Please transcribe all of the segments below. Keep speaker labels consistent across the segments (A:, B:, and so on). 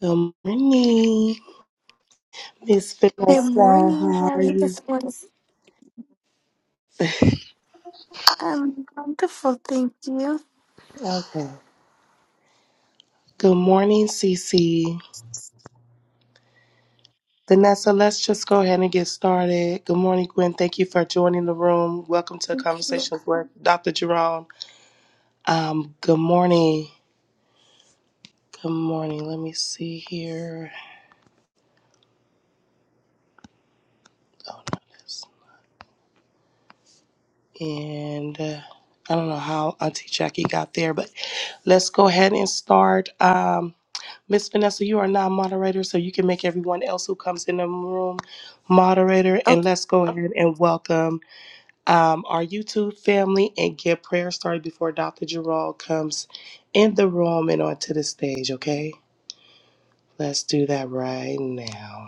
A: Good morning, Miss Vanessa.
B: Good morning.
A: How
B: How are
A: are
B: you
A: you?
B: this morning? I'm wonderful. Thank you.
A: Okay. Good morning, Cece. Vanessa, let's just go ahead and get started. Good morning, Gwen. Thank you for joining the room. Welcome to
B: Okay.
A: Conversations with Dr. Jerome. Um, good morning. Good morning. Let me see here. Oh, no, this. And uh, I don't know how Auntie Jackie got there, but let's go ahead and start. Um, Miss Vanessa, you are now moderator, so you can make everyone else who comes in the room moderator.
B: Oh,
A: And let's go ahead and welcome um, our YouTube family and get prayer started before Dr. Gerald comes in the room and onto the stage, okay? Let's do that right now.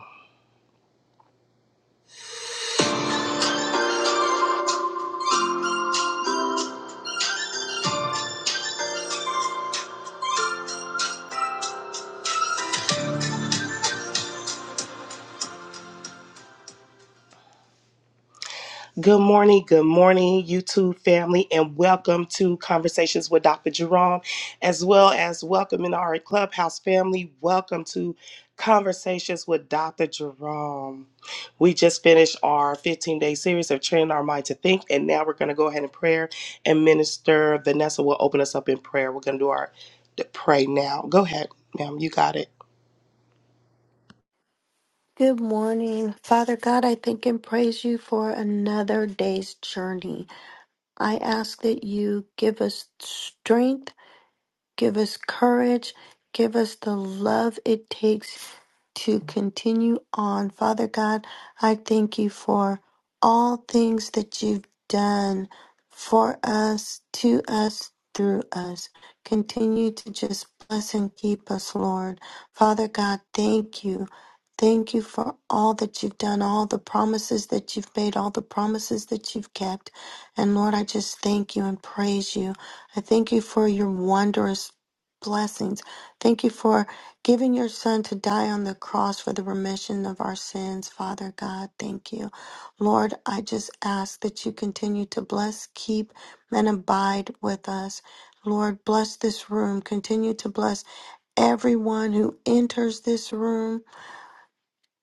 A: Good morning, good morning, YouTube family, and welcome to Conversations with Dr. Jerome, as well as welcoming our Clubhouse family. Welcome to Conversations with Dr. Jerome. We just finished our 15 day series of Training Our Mind to Think, and now we're going to go ahead and prayer and minister. Vanessa will open us up in prayer. We're going to do our pray now. Go ahead, ma'am. You got it.
B: good morning. Father God, I thank and praise you for another day's journey. I ask that you give us strength Give us courage. Give us the love it takes to continue on. Father God, I thank you for all things that you've done for us, to us, through us. Continue to just bless and keep us, Lord. Father God, thank you. Thank you for all that you've done, all the promises that you've made, all the promises that you've kept. And Lord, I just thank you and praise you. I thank you for your wondrous blessings. Thank you for giving your son to die on the cross for the remission of our sins, Father God. Thank you. Lord, I just ask that you continue to bless, keep, and abide with us. Lord, bless this room. Continue to bless everyone who enters this room.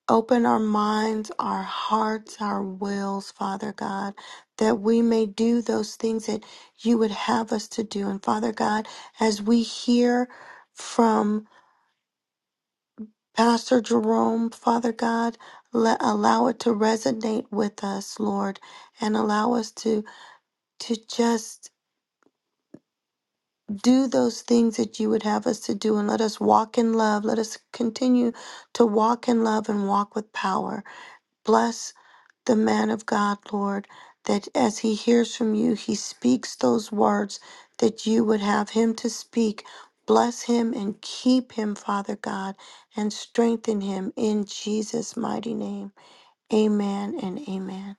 B: Open our minds, our hearts, our wills, Father God, that we may do those things that you would have us to do. And Father God, as we hear from Pastor Jerome, Father God, let, allow it to resonate with us, Lord, and allow us to to just do those things that you would have us to do and let us walk in love. Let us continue to walk in love and walk with power. Bless the man of God, Lord, that as he hears from you, he speaks those words that you would have him to speak. Bless him and keep him, Father God, and strengthen him in Jesus' mighty name. Amen and amen.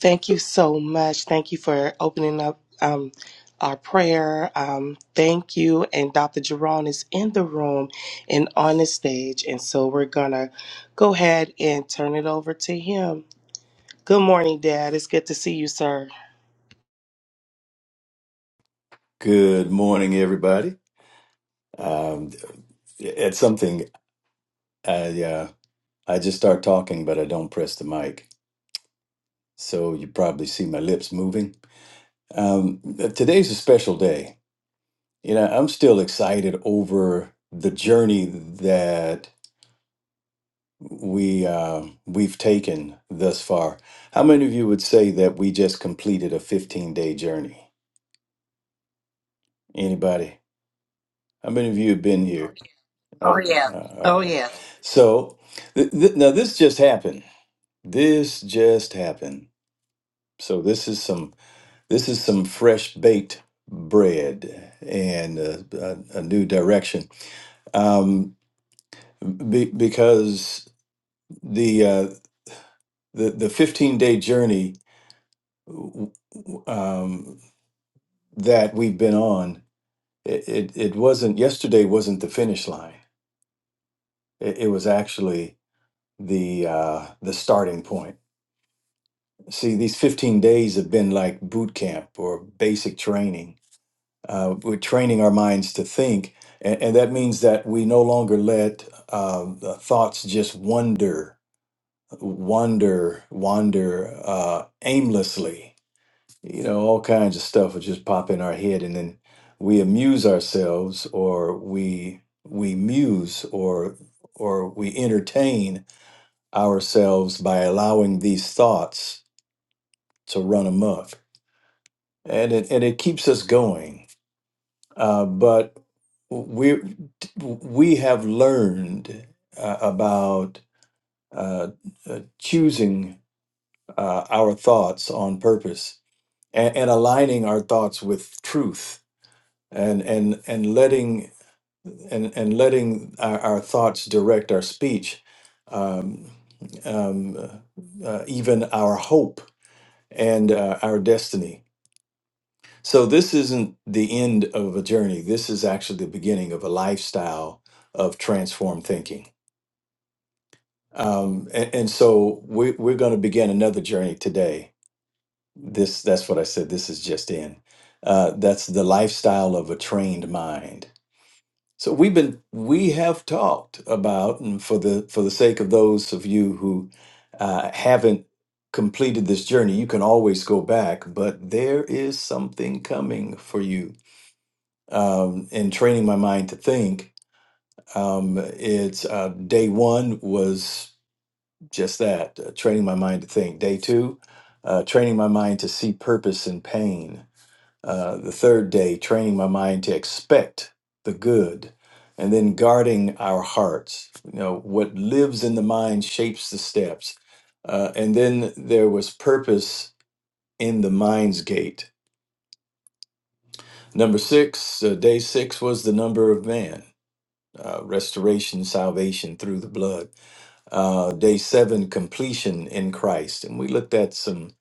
A: Thank you so much. Thank you for opening up um, our prayer. Um, thank you. And Dr. Jerome is in the room and on the stage. And so we're going to go ahead and turn it over to him. Good morning, Dad. It's good to see you, sir.
C: Good morning, everybody. Um, it's something I uh, I just start talking, but I don't press the mic, so you probably see my lips moving. Um, today's a special day. You know, I'm still excited over the journey that we uh, we've taken thus far. How many of you would say that we just completed a 15 day journey? Anybody? How many of you have been here?
D: Oh,
C: Okay.
D: yeah.
C: Uh,
D: Oh,
C: all right.
D: yeah.
C: So th- th- now this just happened. This just happened. So this is some this is some fresh baked bread and uh, a, a new direction. Um, be, because the uh, the the fifteen day journey w- w- um, that we've been on, it, it it wasn't yesterday wasn't the finish line. It, it was actually the uh, the starting point See, these 15 days have been like boot camp or basic training. Uh, we're training our minds to think, and, and that means that we no longer let um, the thoughts just wander, wander, wander uh, aimlessly. You know, all kinds of stuff will just pop in our head, and then we amuse ourselves, or we we muse, or or we entertain ourselves by allowing these thoughts to run amok and it and it keeps us going. Uh, but we we have learned uh, about uh, uh, choosing uh, our thoughts on purpose and, and aligning our thoughts with truth, and and and letting and and letting our, our thoughts direct our speech, um, um, uh, even our hope and uh, our destiny. So this isn't the end of a journey. This is actually the beginning of a lifestyle of transformed thinking. Um, and, and so we, we're going to begin another journey today. This that's what I said. This is just in. Uh, that's the lifestyle of a trained mind. So we've been we have talked about, and for the for the sake of those of you who uh, haven't completed this journey, you can always go back. But there is something coming for you um, and training my mind to think. Um, it's uh, day one was just that, uh, training my mind to think. Day two, uh, training my mind to see purpose in pain. Uh, the third day, training my mind to expect the good. And then guarding our hearts. You know, what lives in the mind shapes the steps. Uh, and then there was purpose in the mind's gate. Number six, uh, day six was the number of man uh, restoration, salvation through the blood. Uh, day seven, completion in Christ. And we looked at some,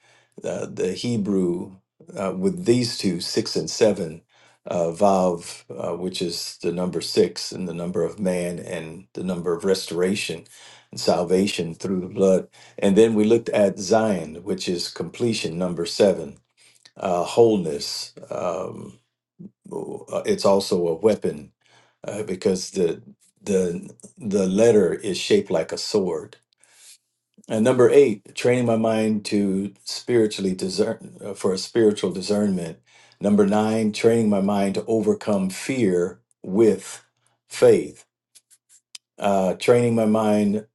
C: uh, the Hebrew uh, with these two, six and seven, uh, Vav, uh, which is the number six and the number of man and the number of restoration and salvation through the blood. And then we looked at Zion, which is completion, number seven, uh, wholeness. Um, uh, it's also a weapon uh, because the the the letter is shaped like a sword. And number eight, training my mind to spiritually discern uh, for a spiritual discernment. Number nine, training my mind to overcome fear with faith. Uh, training my mind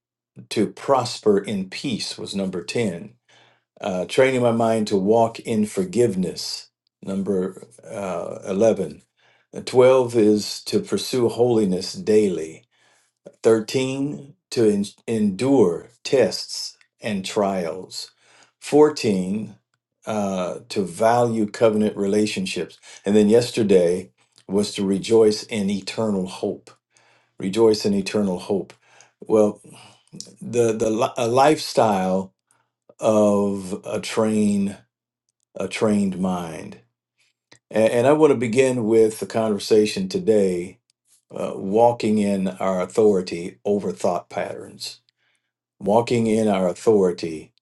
C: to prosper in peace was number ten. Uh, training my mind to walk in forgiveness. Number uh, eleven. Uh, Twelve is to pursue holiness daily. 13 to en- endure tests and trials 14 uh, to value covenant relationships and then yesterday was to rejoice in eternal hope rejoice in eternal hope well the the li- a lifestyle of a train a trained mind and, and i want to begin with the conversation today uh, walking in our authority over thought patterns walking in our authority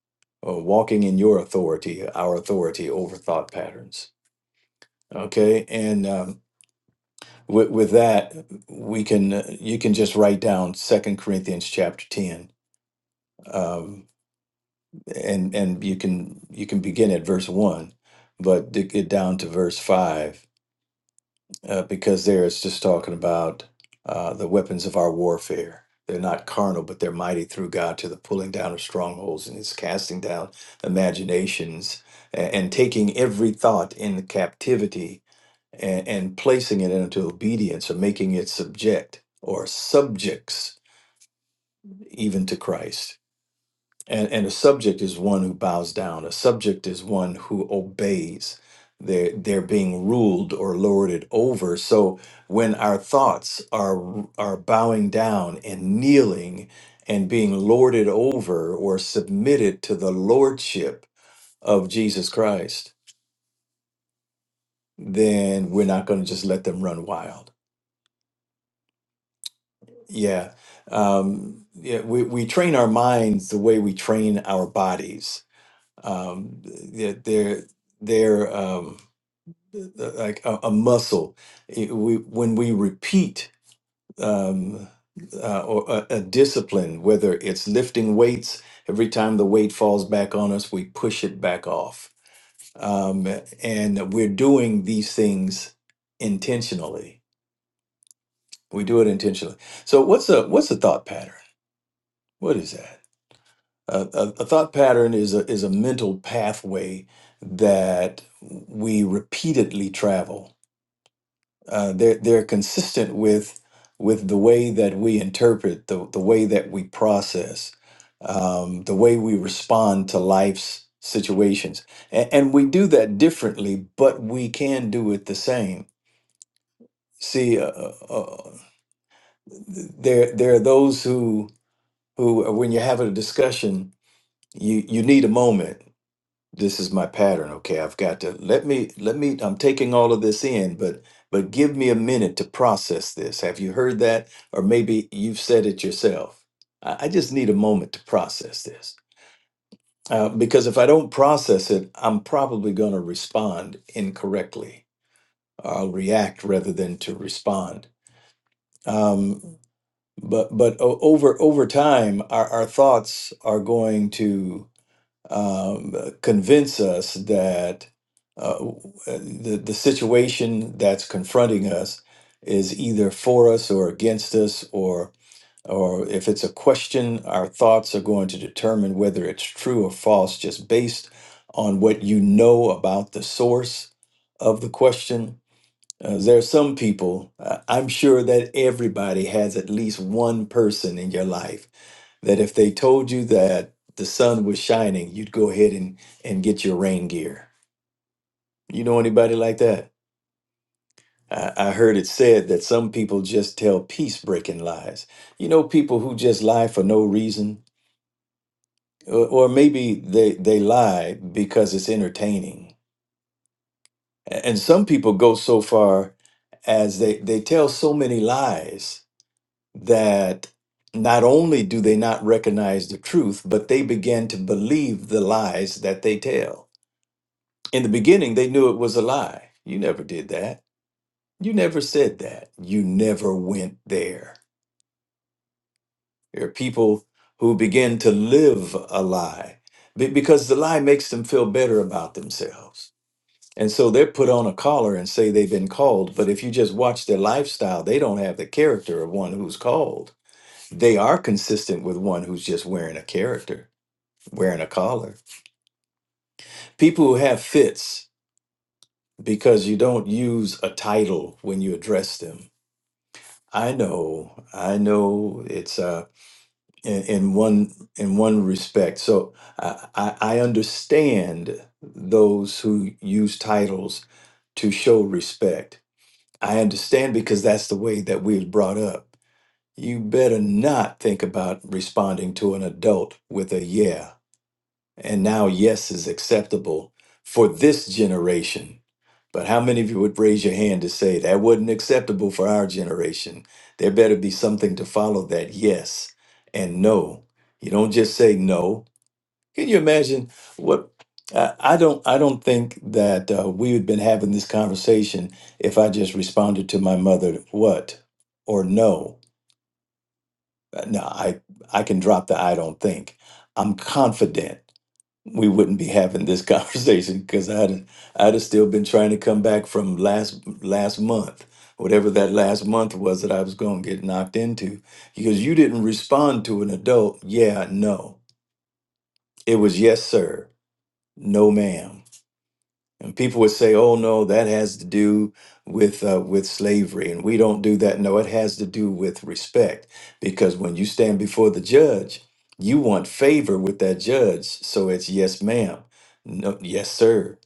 C: or walking in your authority our authority over thought patterns okay and um, with, with that we can uh, you can just write down second corinthians chapter 10 um, and and you can you can begin at verse 1 but to get down to verse 5 uh, because there it's just talking about uh, the weapons of our warfare. They're not carnal, but they're mighty through God to the pulling down of strongholds and it's casting down imaginations and, and taking every thought in captivity and, and placing it into obedience or making it subject or subjects even to Christ and, and a subject is one who bows down. A subject is one who obeys. They're, they're being ruled or lorded over. So when our thoughts are, are bowing down and kneeling and being lorded over or submitted to the lordship of Jesus Christ, then we're not going to just let them run wild. Yeah. Um, yeah we, we train our minds the way we train our bodies um, they're they're, they're um, like a, a muscle. It- we when we repeat um, uh, or a, a discipline, whether it's lifting weights, every time the weight falls back on us, we push it back off, um, and we're doing these things intentionally. We do it intentionally. So what's a what's a thought pattern? What is that? a, a a thought pattern is a is a mental pathway that we repeatedly travel. Uh, they're they're consistent with with the way that we interpret the the way that we process, um, the way we respond to life's situations, and, and we do that differently, but we can do it the same. See, uh, uh, uh, there there are those who who when you're having a discussion, you you need a moment this is my pattern okay i've got to let me let me i'm taking all of this in but but give me a minute to process this have you heard that or maybe you've said it yourself i, I just need a moment to process this uh, because if i don't process it i'm probably going to respond incorrectly i'll react rather than to respond um, but but o- over over time our, our thoughts are going to um, convince us that uh, the, the situation that's confronting us is either for us or against us, or, or if it's a question, our thoughts are going to determine whether it's true or false just based on what you know about the source of the question uh, there are some people, uh, I'm sure that everybody has at least one person in your life that if they told you that the sun was shining, you'd go ahead and, and get your rain gear. You know anybody like that? I, I heard it said that some people just tell peace breaking lies. You know, people who just lie for no reason, or, or maybe they, they lie because it's entertaining. A- And some people go so far as they, they tell so many lies that not only do they not recognize the truth, but they begin to believe the lies that they tell. In the beginning, they knew it was a lie. You never did that. You never said that. You never went there. There are people who begin to live a lie be- because the lie makes them feel better about themselves. And so they're put on a collar and say they've been called. But if you just watch their lifestyle, they don't have the character of one who's called they are consistent with one who's just wearing a character, wearing a collar. People who have fits because you don't use a title when you address them. I know, I know it's uh in, in one in one respect. So I, I I understand those who use titles to show respect. I understand because that's the way that we was brought up. You better not think about responding to an adult with a yeah And now, yes is acceptable for this generation. But how many of you would raise your hand to say that wasn't acceptable for our generation? There better be something to follow that yes and no. You don't just say no. Can you imagine what? I I don't. I don't think that uh, we had been having this conversation if I just responded to my mother, "What?" or "No." Uh, No, I. I can drop the "I don't think." I'm confident we wouldn't be having this conversation because I'd I'd have still been trying to come back from last last month, whatever that last month was that I was going to get knocked into, because you didn't respond to an adult. Yeah, no. It was yes, sir. No, ma'am. And people would say, "Oh no, that has to do with uh, with slavery," and we don't do that. No, it has to do with respect, because when you stand before the judge, you want favor with that judge. So it's yes, ma'am, no, yes, sir.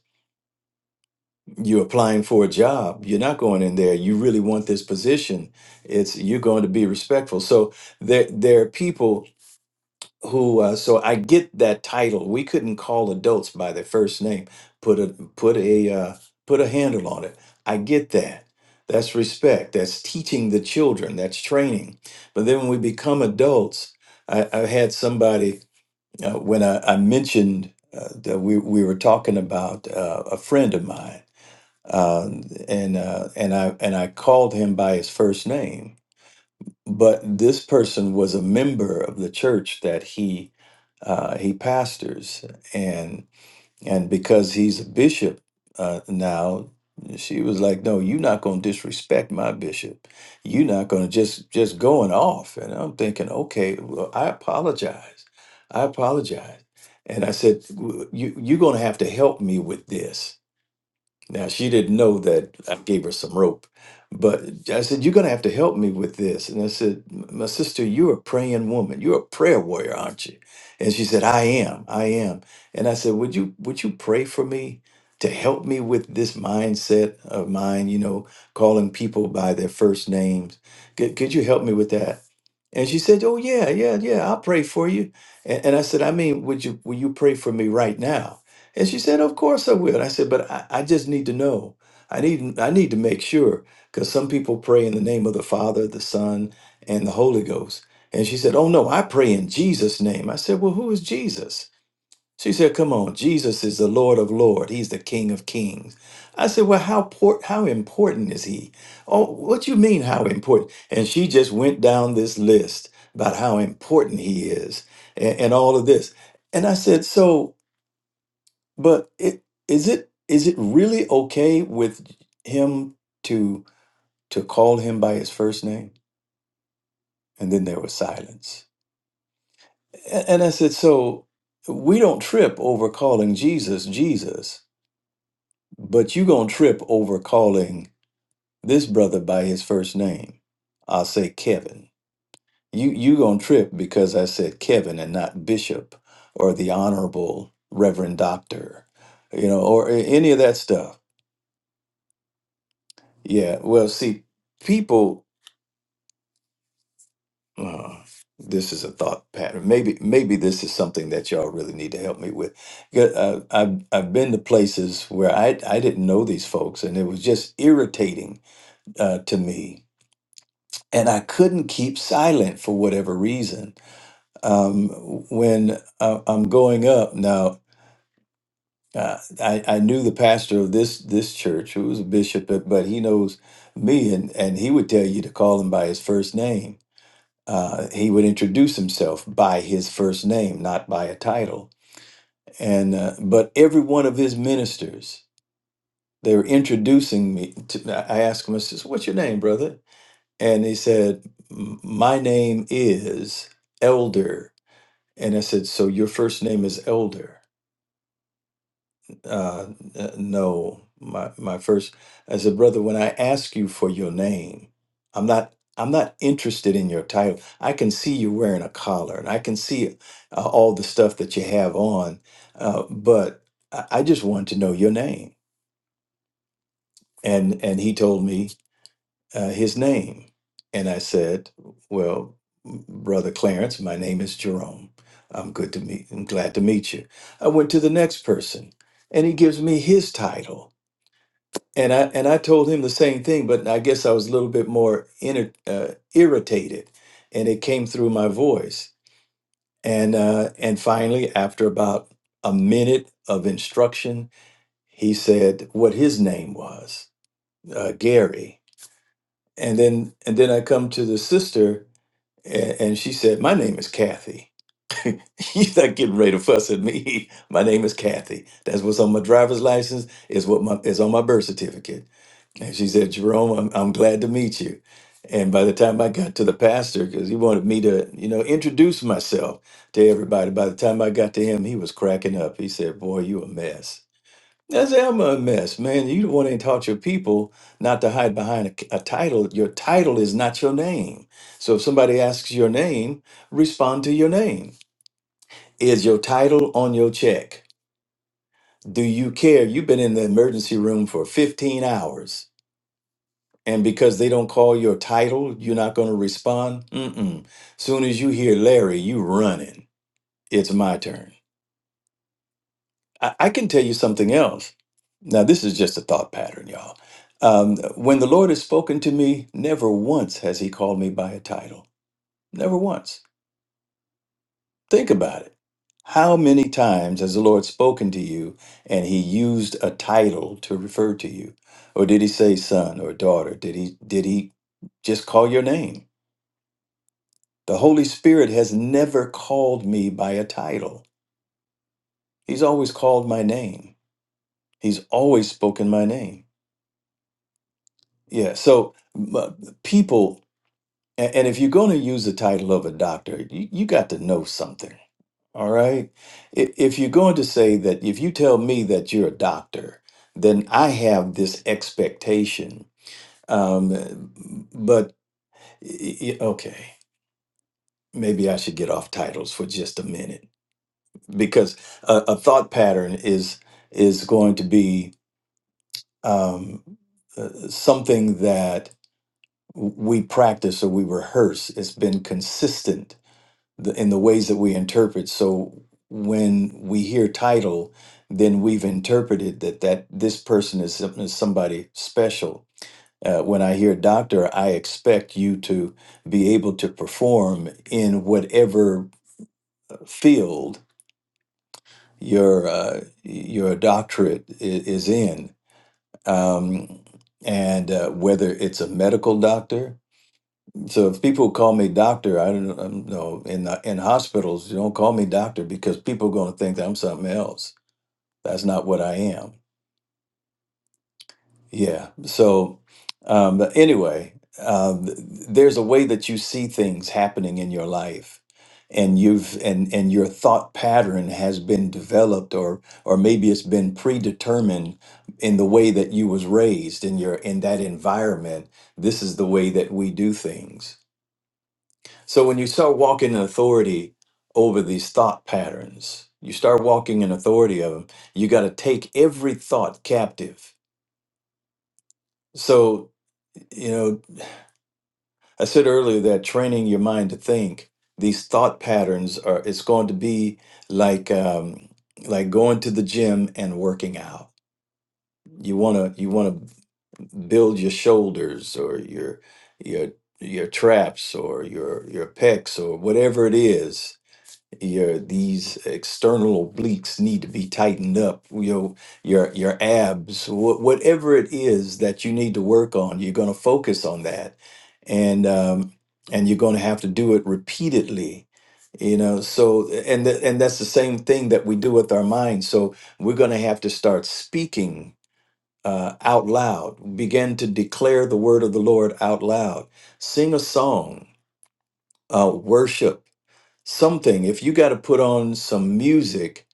C: You're applying for a job. You're not going in there. You really want this position. It's you're going to be respectful. So there there are people who uh, so I get that title. We couldn't call adults by their first name. Put a put a uh, put a handle on it. I get that. That's respect. That's teaching the children. That's training. But then when we become adults, I, I had somebody uh, when I, I mentioned uh, that we, we were talking about uh, a friend of mine, uh, and uh, and I and I called him by his first name but this person was a member of the church that he uh, he pastors, and and because he's a bishop uh, now, she was like, "No, you're not going to disrespect my bishop. You're not going to just just going off." And I'm thinking, "Okay, well, I apologize. I apologize." And I said, "W- "You you're going to have to help me with this." Now she didn't know that I gave her some rope, but I said, "You're going to have to help me with this." And I said, "My sister, you're a praying woman. You're a prayer warrior, aren't you?" And she said, "I am. I am." And I said, "Would you would you pray for me to help me with this mindset of mine? You know, calling people by their first names. Could, could you help me with that?" And she said, "Oh yeah, yeah, yeah. I'll pray for you." And, and I said, "I mean, would you will you pray for me right now?" And she said, "Of course I will." I said, "But I, I just need to know. I need I need to make sure because some people pray in the name of the Father, the Son, and the Holy Ghost." And she said, "Oh no, I pray in Jesus' name." I said, "Well, who is Jesus?" She said, "Come on, Jesus is the Lord of Lord. He's the King of Kings." I said, "Well, how por- how important is he?" Oh, what you mean how important? And she just went down this list about how important he is and, and all of this. And I said, "So, but it, is it is it really okay with him to to call him by his first name?" And then there was silence. A- And I said, "So." We don't trip over calling Jesus Jesus But you gonna trip over calling this brother by his first name. I'll say Kevin. You you gonna trip because I said Kevin and not Bishop or the Honorable Reverend Doctor, you know, or a- any of that stuff. Yeah. Well, see, people. Uh, this is a thought pattern. Maybe maybe this is something that y'all really need to help me with. Yeah, Uh, I've I've been to places where I I didn't know these folks, and it was just irritating uh, to me and I couldn't keep silent for whatever reason. Um, when uh, I'm going up now, uh, I, I knew the pastor of this this church, who was a bishop, but, but he knows me, and and he would tell you to call him by his first name. Uh, he would introduce himself by his first name, not by a title. And uh, but every one of his ministers, they were introducing me. To, I asked him, I says, "What's your name, brother?" And he said, "M- My name is Elder. And I said, So your first name is Elder? Uh, n- no, my, my first. I said, Brother, when I ask you for your name, I'm not. I'm not interested in your title. I can see you wearing a collar, and I can see uh, all the stuff that you have on, uh, but I, I just wanted to know your name. And and he told me uh, his name. And I said, Well, Brother Clarence, my name is Jerome. I'm good to meet, I'm glad to meet you. I went to the next person and he gives me his title. And I, and I told him the same thing, but I guess I was a little bit more inner, uh, irritated and it came through my voice. And, uh, and finally, after about a minute of instruction, he said what his name was, uh, Gary. And then, and then I come to the sister And, and she said, My name is Kathy. You're not getting ready to fuss at me. My name is Kathy. That's what's on my driver's license, is what my is on my birth certificate. And she said, Jerome, I'm, I'm glad to meet you. And by the time I got to the pastor, because he wanted me to, you know, introduce myself to everybody. By the time I got to him, he was cracking up. He said, Boy, you a mess. That's am a mess, man. You the one ain't taught your people not to hide behind a, a title. Your title is not your name. So if somebody asks your name, respond to your name. Is your title on your check? Do you care? You've been in the emergency room for 15 hours. And because they don't call your title, you're not going to respond? Mm-mm. Soon as you hear Larry, you running. It's my turn. I, I can tell you something else. Now, this is just a thought pattern, y'all. Um, when the Lord has spoken to me, never once has He called me by a title. Never once. Think about it. How many times has the Lord spoken to you and He used a title to refer to you? Or did He say son or daughter? Did He did He just call your name? The Holy Spirit has never called me by a title. He's always called my name. He's always spoken my name. Yeah, so m- uh, people, a- and if you're going to use the title of a doctor, you, you got to know something, all right? I- If you're going to say that, if you tell me that you're a doctor, then I have this expectation. Um, but, y- y- okay, maybe I should get off titles for just a minute because a, a thought pattern is is going to be um, uh, something that we practice or we rehearse. It's been consistent the- in the ways that we interpret. So when we hear title, then we've interpreted that that this person is, some- is somebody special. Uh, when I hear doctor, I expect you to be able to perform in whatever field your uh, your doctorate is, is in, um, and uh, whether it's a medical doctor, So if people call me doctor, I don't, I don't know. In the- in hospitals, you don't call me doctor because people are going to think that I'm something else. That's not what I am. Yeah. So, um, but anyway, um, th- there's a way that you see things happening in your life, and you've and and your thought pattern has been developed, or or maybe it's been predetermined in the way that you was raised in your in that environment. This is the way that we do things So when you start walking in authority over these thought patterns, you start walking in authority of them. You got to take every thought captive. So, you know, I said earlier that training your mind to think these thought patterns are it's going to be like um like going to the gym and working out. You want to you want to build your shoulders or your your your traps or your your pecs or whatever it is your these external obliques need to be tightened up your your your abs wha- whatever it is that you need to work on you're going to focus on that and um and you're going to have to do it repeatedly you know so and th- and that's the same thing that we do with our minds so we're going to have to start speaking uh, out loud begin to declare the word of the lord out loud sing a song uh, worship something if you got to put on some music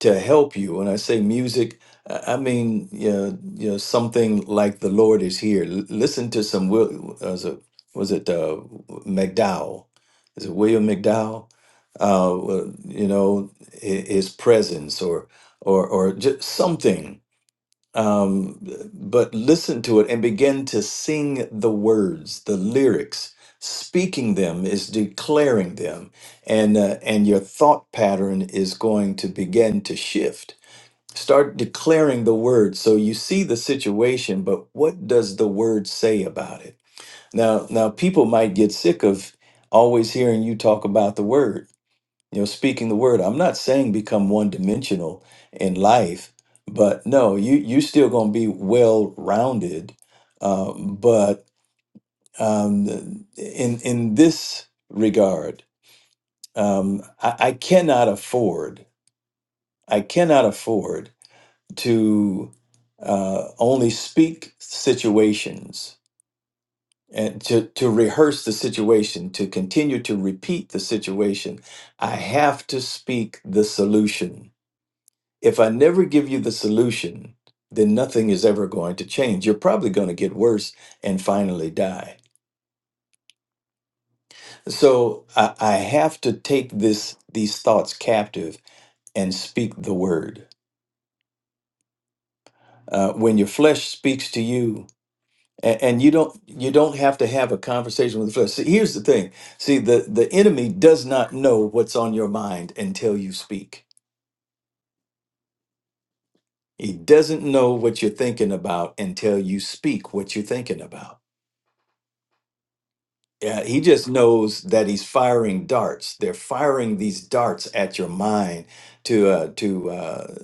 C: to help you when i say music i I mean you know, you know something like the lord is here L- listen to some Wil- was it was it uh, mcdowell is it william mcdowell uh, well, you know hi- his presence or or or just something um, but listen to it and begin to sing the words, the lyrics. Speaking them is declaring them, and uh, and your thought pattern is going to begin to shift. Start declaring the word. So you see the situation, but what does the word say about it? Now, now people might get sick of always hearing you talk about the word you know speaking the word i'm not saying become one dimensional in life but no you you still going to be well rounded um, but um, in in this regard um, I, I cannot afford i cannot afford to uh, only speak situations and to, to rehearse the situation to continue to repeat the situation i have to speak the solution If I never give you the solution, then nothing is ever going to change. You're probably going to get worse and finally die. So I, I have to take this these thoughts captive and speak the word. Uh, when your flesh speaks to you, and, and you don't you don't have to have a conversation with the flesh. See, here's the thing. See, the the enemy does not know what's on your mind until you speak. He doesn't know what you're thinking about until you speak what you're thinking about. Yeah, he just knows that he's firing darts. They're firing these darts at your mind to uh, to uh,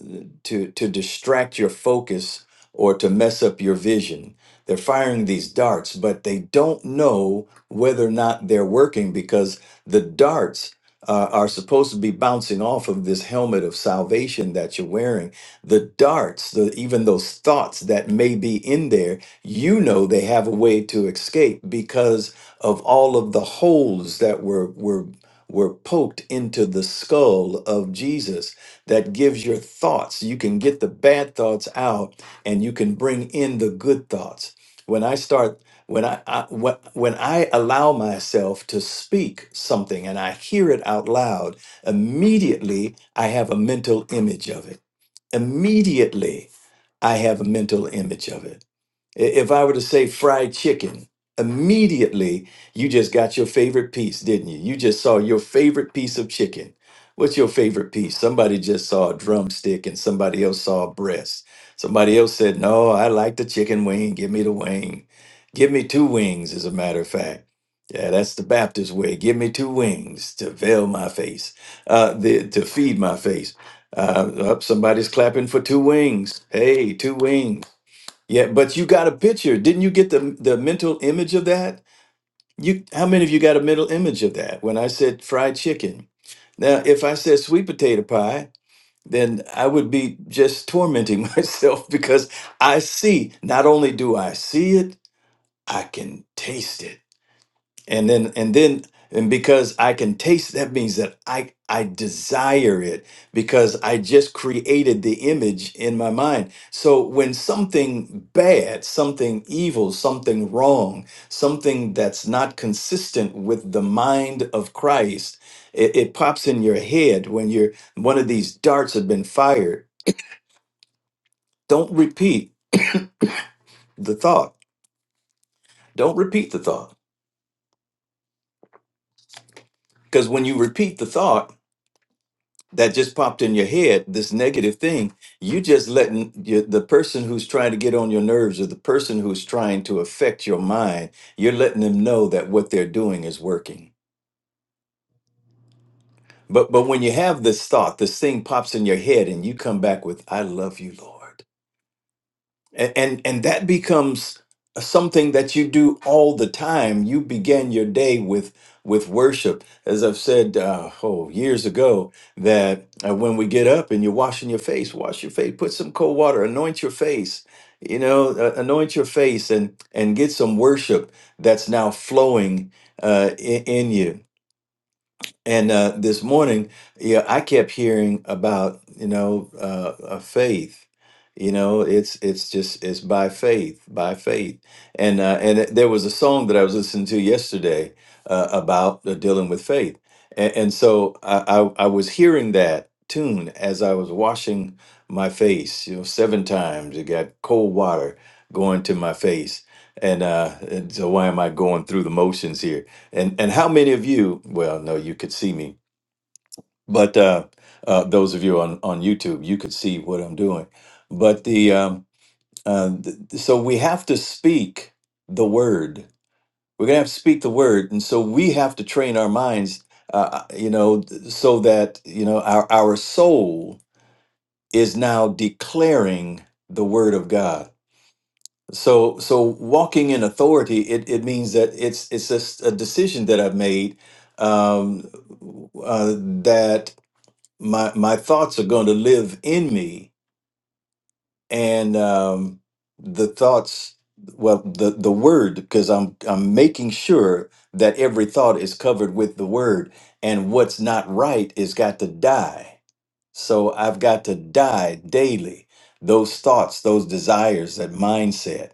C: to to distract your focus or to mess up your vision. They're firing these darts, but they don't know whether or not they're working because the darts uh, are supposed to be bouncing off of this helmet of salvation that you're wearing. The darts, the, even those thoughts that may be in there, you know they have a way to escape because of all of the holes that were were were poked into the skull of Jesus that gives your thoughts you can get the bad thoughts out and you can bring in the good thoughts when I start when I, I when when I allow myself to speak something and I hear it out loud, immediately I have a mental image of it. Immediately I have a mental image of it. I- If I were to say fried chicken, immediately you just got your favorite piece, didn't you? You just saw your favorite piece of chicken. What's your favorite piece? Somebody just saw a drumstick and somebody else saw a breast. Somebody else said, No, I like the chicken wing. Give me the wing. Give me two wings, as a matter of fact. Yeah, that's the Baptist way. Give me two wings to veil my face, uh, the, to feed my face. Uh, up, somebody's clapping for two wings. Hey, two wings. Yeah, but you got a picture. Didn't you get the the mental image of that? You how many of you got a mental image of that when I said fried chicken? Now, if I said sweet potato pie, then I would be just tormenting myself because I see, not only do I see it, I can taste it and then and then and because i can taste that means that i i desire it because i just created the image in my mind so when something bad something evil something wrong something that's not consistent with the mind of christ it, it pops in your head when you're one of these darts have been fired don't repeat the thought don't repeat the thought because when you repeat the thought that just popped in your head, this negative thing, you just letting your, the person who's trying to get on your nerves or the person who's trying to affect your mind, you're letting them know that what they're doing is working. But but when you have this thought, this thing pops in your head, and you come back with, "I love you, Lord." and and, and that becomes something that you do all the time you begin your day with with worship as i've said uh, oh years ago that uh, when we get up and you're washing your face wash your face put some cold water anoint your face you know uh, anoint your face and and get some worship that's now flowing uh, in, in you and uh, this morning, yeah, I kept hearing about you know uh, uh, faith. You know, it's it's just it's by faith, by faith. And uh, and it- there was a song that I was listening to yesterday uh, about uh, dealing with faith, and, and so I, I I was hearing that tune as I was washing my face. You know, seven times it got cold water going to my face, and uh, and so why am I going through the motions here? And and how many of you? Well, no, you could see me, but uh, uh, those of you on on YouTube, you could see what I'm doing. But the um, uh, th- so we have to speak the word. We're gonna have to speak the word, and so we have to train our minds, uh, uh, you know, th- so that you know our our soul is now declaring the word of God So, so walking in authority, it, it means that it's it's just a decision that I've made um, uh, that my my thoughts are going to live in me, and um, the thoughts, well, the the word, because I'm I'm making sure that every thought is covered with the word, and what's not right is got to die. So I've got to die daily. Those thoughts, those desires, that mindset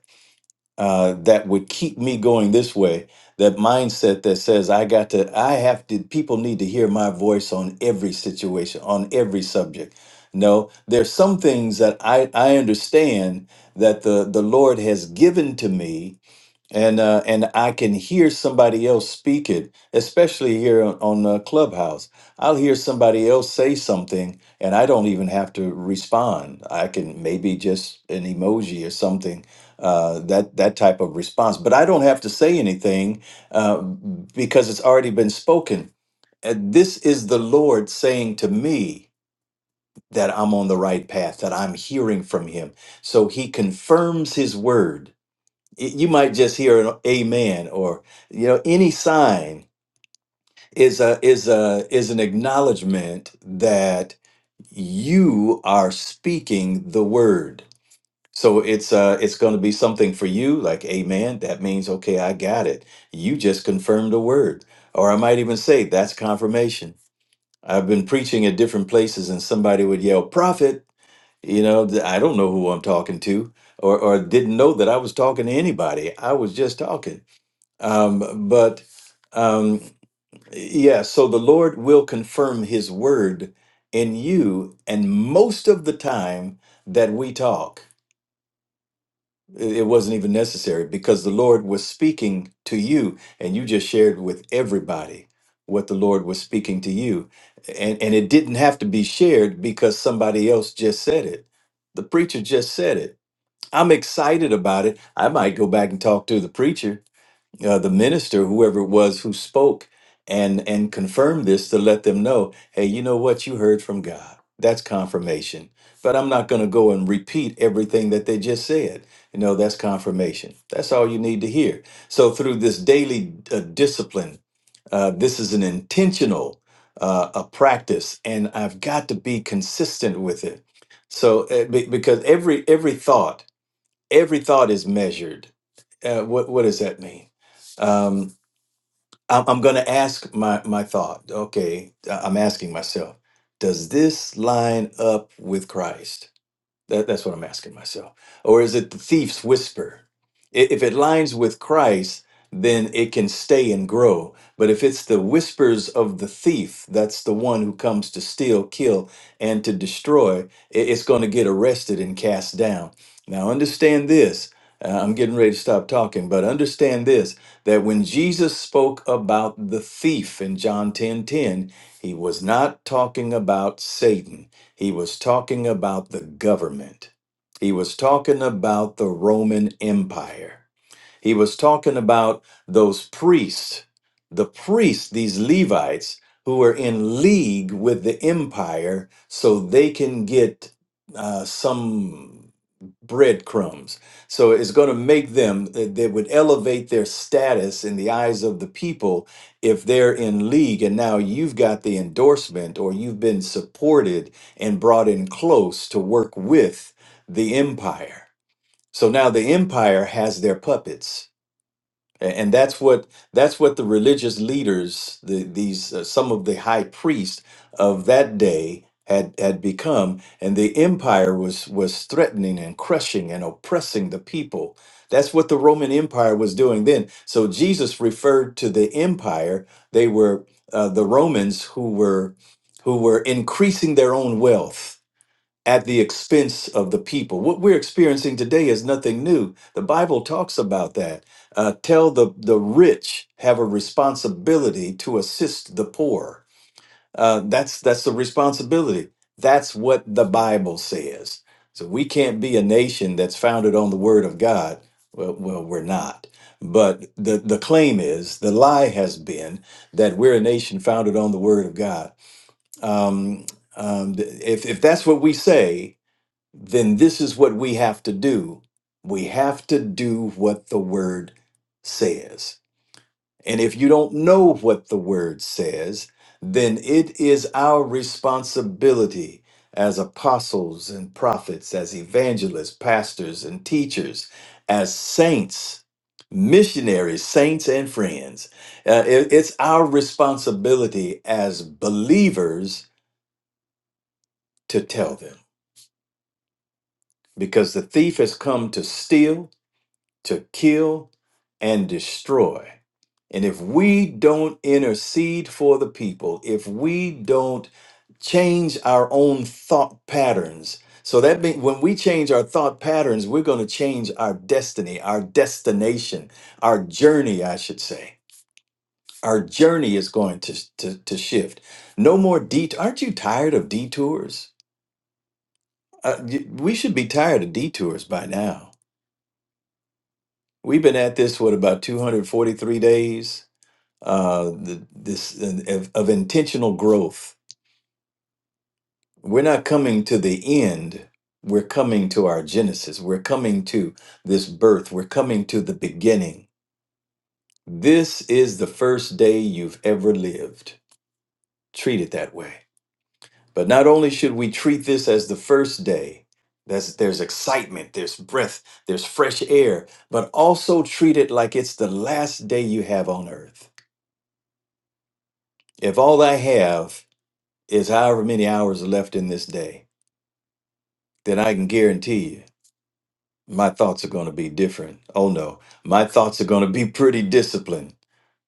C: uh, that would keep me going this way that mindset that says i got to i have to people need to hear my voice on every situation on every subject no there's some things that i i understand that the the lord has given to me and uh, and I can hear somebody else speak it, especially here on, on uh, Clubhouse. I'll hear somebody else say something, and I don't even have to respond. I can maybe just an emoji or something uh, that that type of response, but I don't have to say anything uh, because it's already been spoken. And this is the Lord saying to me that I'm on the right path, that I'm hearing from Him. So He confirms His word Y- You might just hear an amen or you know any sign is a is a is an acknowledgement that you are speaking the word. So it's uh it's going to be something for you like amen that means okay I got it. You just confirmed the word. Or I might even say that's confirmation. I've been preaching at different places and somebody would yell prophet, you know, th- I don't know who I'm talking to or or didn't know that I was talking to anybody. I was just talking um, but um, yeah, so the Lord will confirm his word in you. And most of the time that we talk, it it wasn't even necessary because the Lord was speaking to you and you just shared with everybody what the Lord was speaking to you. And, and it didn't have to be shared because somebody else just said it. The preacher just said it. I'm excited about it. I might go back and talk to the preacher uh, the minister, whoever it was who spoke and and confirmed this to let them know, hey, you know what, you heard from God. That's confirmation. But I'm not going to go and repeat everything that they just said. You know, that's confirmation. That's all you need to hear. So through this daily uh, discipline, uh, this is an intentional uh, a practice, and I've got to be consistent with it. So uh, be- because every every thought every thought is measured. Uh, what what does that mean? Um, I'm, I'm going to ask my my thought. Okay, I- I'm asking myself, does this line up with Christ? That, that's what I'm asking myself. Or is it the thief's whisper? I- If it lines with Christ, then it can stay and grow. But if it's the whispers of the thief, that's the one who comes to steal, kill, and to destroy, i- it's going to get arrested and cast down. Now, understand this. uh, I'm getting ready to stop talking, but understand this that when Jesus spoke about the thief in John 10 10, he was not talking about Satan. He was talking about the government, he was talking about the Roman Empire. He was talking about those priests, the priests, these Levites, who were in league with the empire so they can get uh, some breadcrumbs. So it's going to make them, they would elevate their status in the eyes of the people if they're in league. And now you've got the endorsement or you've been supported and brought in close to work with the empire. So now the empire has their puppets a- and that's what that's what the religious leaders the, these uh, some of the high priests of that day had had become and the empire was was threatening and crushing and oppressing the people that's what the roman empire was doing then so jesus referred to the empire they were uh, the romans who were who were increasing their own wealth at the expense of the people. What we're experiencing today is nothing new. The Bible talks about that. Uh, tell the, the rich have a responsibility to assist the poor. Uh, that's that's the responsibility. That's what the Bible says. So we can't be a nation that's founded on the Word of God. Well, well we're not. But the, the claim is, the lie has been that we're a nation founded on the Word of God. Um, um, if, if that's what we say, then this is what we have to do. We have to do what the word says. And if you don't know what the word says, then it is our responsibility as apostles and prophets, as evangelists, pastors and teachers, as saints, missionaries, saints and friends. Uh, it- it's our responsibility as believers to tell them because the thief has come to steal to kill and destroy. And if we don't intercede for the people, if we don't change our own thought patterns, so that means when we change our thought patterns, we're going to change our destiny, our destination, our journey, I should say. Our journey is going to, to, to shift. No more detours. Aren't you tired of detours? Uh, y- we should be tired of detours by now. We've been at this, what, about 243 days? uh, the, this uh, of, of intentional growth. We're not coming to the end. We're coming to our genesis. We're coming to this birth. We're coming to the beginning. This is the first day you've ever lived. Treat it that way. But not only should we treat this as the first day, that's, there's excitement, there's breath, there's fresh air, but also treat it like it's the last day you have on earth. If all I have is however many hours left in this day, then I can guarantee you my thoughts are going to be different. Oh no, my thoughts are going to be pretty disciplined.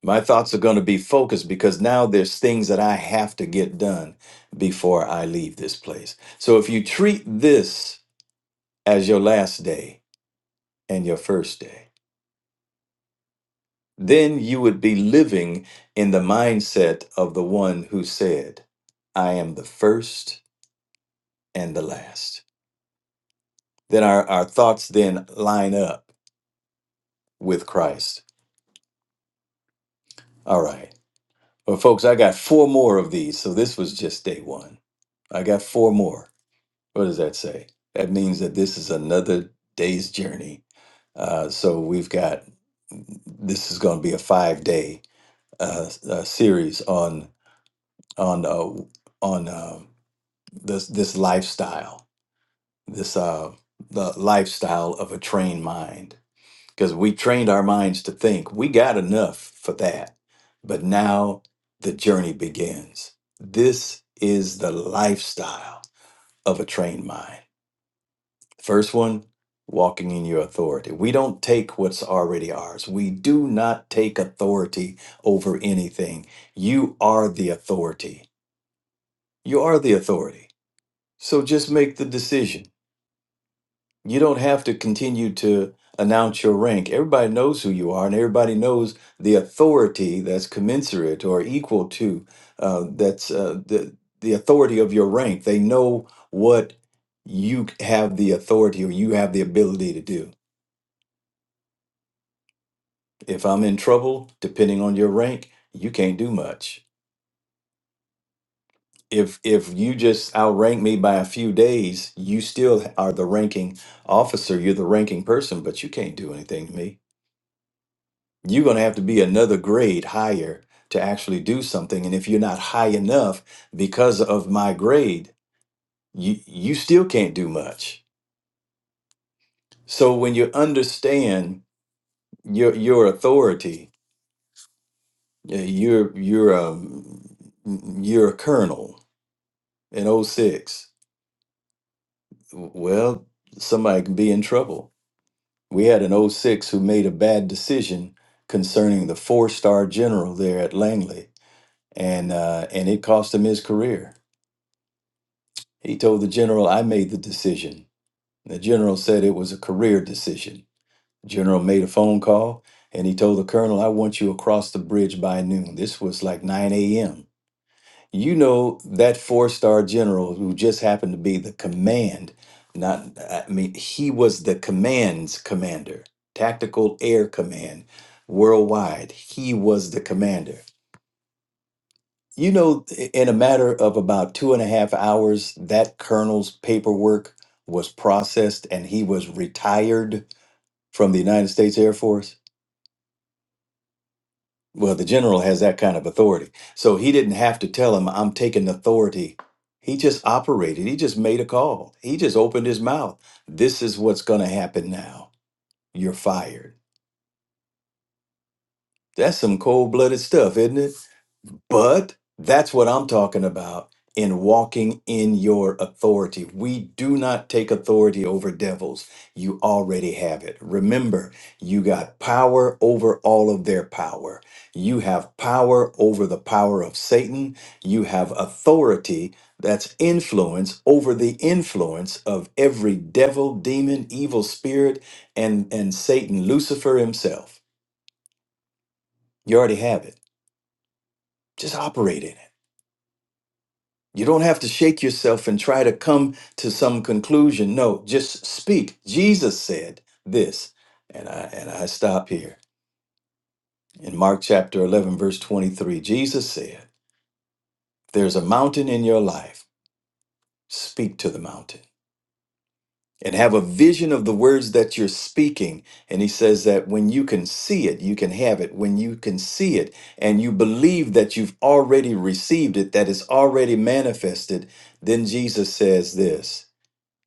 C: My thoughts are going to be focused because now there's things that I have to get done before I leave this place. So if you treat this as your last day and your first day, then you would be living in the mindset of the one who said, I am the first and the last. Then our, our thoughts then line up with Christ. All right. Well, folks, I got four more of these. So this was just day one. I got four more. What does that say? That means that this is another day's journey. Uh, so we've got this is going to be a five day uh, uh, series on on uh, on uh, this this lifestyle, this uh, the lifestyle of a trained mind because we trained our minds to think we got enough for that. But now the journey begins. This is the lifestyle of a trained mind. First one, walking in your authority. We don't take what's already ours. We do not take authority over anything. You are the authority. You are the authority. So just make the decision You don't have to continue to announce your rank. Everybody knows who you are, and everybody knows the authority that's commensurate or equal to uh, that's uh, the the authority of your rank. They know what you have the authority or you have the ability to do. If I'm in trouble, depending on your rank, you can't do much. If if you just outrank me by a few days, you still are the ranking officer. You're the ranking person, but you can't do anything to me you're going to have to be another grade higher to actually do something and if you're not high enough because of my grade you you still can't do much so when you understand your your authority uh, you're you're um you're a colonel in O six. well somebody can be in trouble we had an O six who made a bad decision concerning the four-star general there at langley and uh and it cost him his career He told the general, I made the decision. The general said it was a career decision. General made a phone call and he told the colonel, I want you across the bridge by noon. This was like 9 a.m. You know, that four star general who just happened to be the command, not, I mean, he was the command's commander, Tactical Air Command worldwide. He was the commander. You know, in a matter of about two and a half hours, that colonel's paperwork was processed and he was retired from the United States Air Force. Well, the general has that kind of authority. So he didn't have to tell him, I'm taking authority. He just operated, he just made a call, he just opened his mouth. This is what's going to happen now. You're fired. That's some cold blooded stuff, isn't it? But that's what I'm talking about in walking in your authority. We do not take authority over devils. You already have it. Remember, you got power over all of their power. You have power over the power of Satan. You have authority that's influence over the influence of every devil, demon, evil spirit, and, and Satan, Lucifer himself. You already have it. Just operate in it. You don't have to shake yourself and try to come to some conclusion. No, just speak. Jesus said this, and I and I stop here. In Mark chapter 11 verse 23, Jesus said, "If there's a mountain in your life, speak to the mountain and have a vision of the words that you're speaking." And he says that when you can see it, you can have it. When you can see it and you believe that you've already received it, that it's already manifested, then Jesus says this.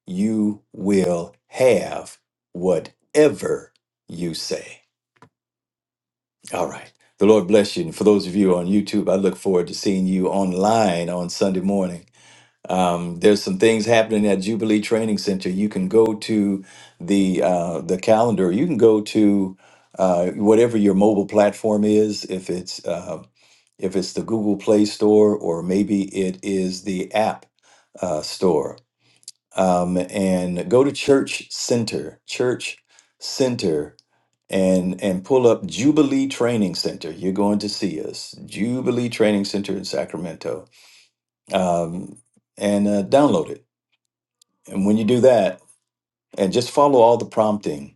C: you will have whatever you say. All right. The Lord bless you. And for those of you on YouTube, I look forward to seeing you online on Sunday morning. Um, there's some things happening at Jubilee Training Center. You can go to the uh, the calendar. You can go to uh, whatever your mobile platform is. If it's uh, if it's the Google Play Store or maybe it is the app uh, store um, and go to Church Center, Church Center, and and pull up Jubilee Training Center. You're going to see us, Jubilee Training Center in Sacramento, um, and uh, download it. And when you do that, and just follow all the prompting,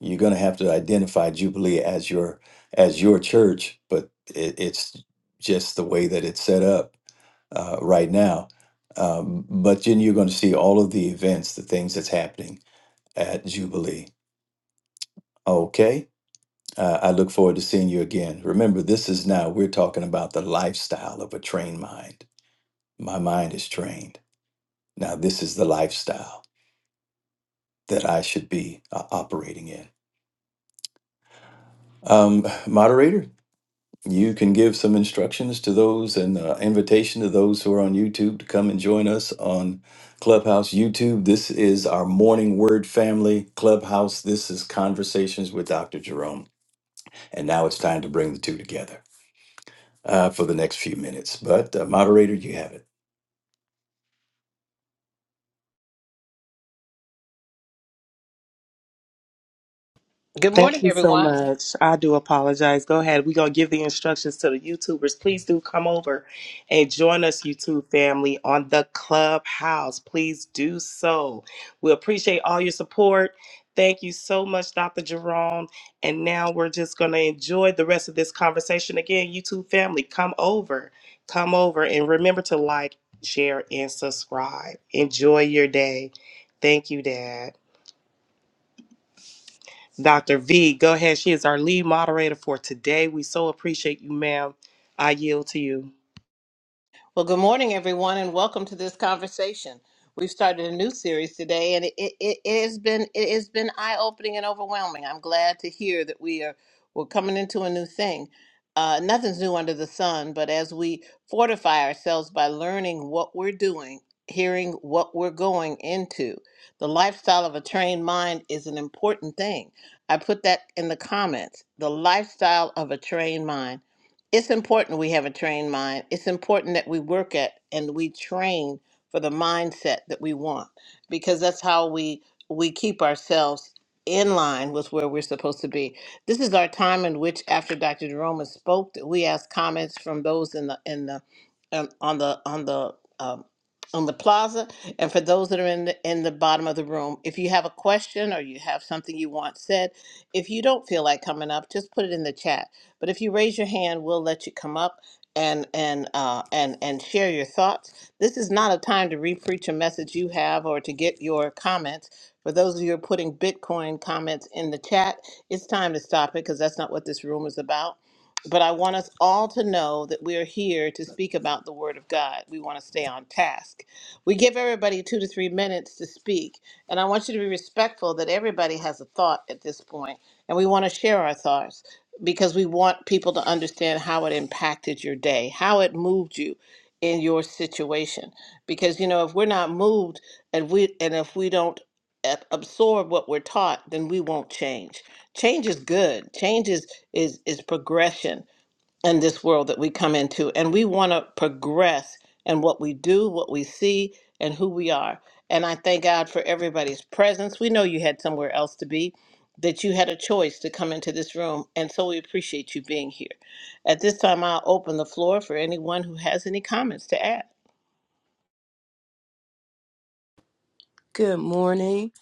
C: you're going to have to identify Jubilee as your as your church, but it, it's just the way that it's set up uh, right now. Um, but then you're going to see all of the events, the things that's happening at Jubilee. Okay. Uh, I look forward to seeing you again. Remember, this is now, we're talking about the lifestyle of a trained mind. My mind is trained. Now, this is the lifestyle that I should be uh, operating in. Um, moderator, you can give some instructions to those and uh, invitation to those who are on YouTube to come and join us on Clubhouse YouTube. This is our morning word family Clubhouse. This is Conversations with Dr. Jerome. And now it's time to bring the two together. uh, for the next few minutes. But uh, moderator, you have it.
D: Good
A: Thank
D: morning,
A: you so
D: everyone.
A: much. I do apologize. Go ahead. We're going to give the instructions to the YouTubers. Please do come over and join us, YouTube family, on the Clubhouse. Please do so. We appreciate all your support. Thank you so much, Dr. Jerome. And now we're just going to enjoy the rest of this conversation. Again, YouTube family, come over. Come over and remember to like, share, and subscribe. Enjoy your day. Thank you, Dad. Dr. V. Go ahead. She is our lead moderator for today. We so appreciate you, ma'am. I yield to you.
D: Well, good morning, everyone, and welcome to this conversation. We've started a new series today, and it, it, it has been it has been eye opening and overwhelming. I'm glad to hear that we are we're coming into a new thing. Uh, nothing's new under the sun, but as we fortify ourselves by learning what we're doing, hearing what we're going into, the lifestyle of a trained mind is an important thing. I put that in the comments. The lifestyle of a trained mind. it's important we have a trained mind. It's important that we work at and we train for the mindset that we want because that's how we we keep ourselves in line with where we're supposed to be. This is our time in which after Dr. Jerome has spoke that we ask comments from those in the in the um, on the on the um, on the plaza and for those that are in the in the bottom of the room if you have a question or you have something you want said if you don't feel like coming up just put it in the chat but if you raise your hand, we'll let you come up and and uh, and and share your thoughts. This is not a time to repreach a message you have or to get your comments. For those of you who are putting Bitcoin comments in the chat, it's time to stop it because that's not what this room is about. But I want us all to know that we are here to speak about the Word of God. We want to stay on task. We give everybody two to three minutes to speak, and I want you to be respectful that everybody has a thought at this point, and we want to share our thoughts because we want people to understand how it impacted your day, how it moved you in your situation. Because you know, if we're not moved and we and if we don't ab- absorb what we're taught, then we won't change. Change is good. Change is is is progression in this world that we come into. And we want to progress in what we do, what we see, and who we are. And I thank God for everybody's presence. We know you had somewhere else to be, that you had a choice to come into this room. And so we appreciate you being here. At this time, I'll open the floor for anyone who has any comments to add.
E: Good morning,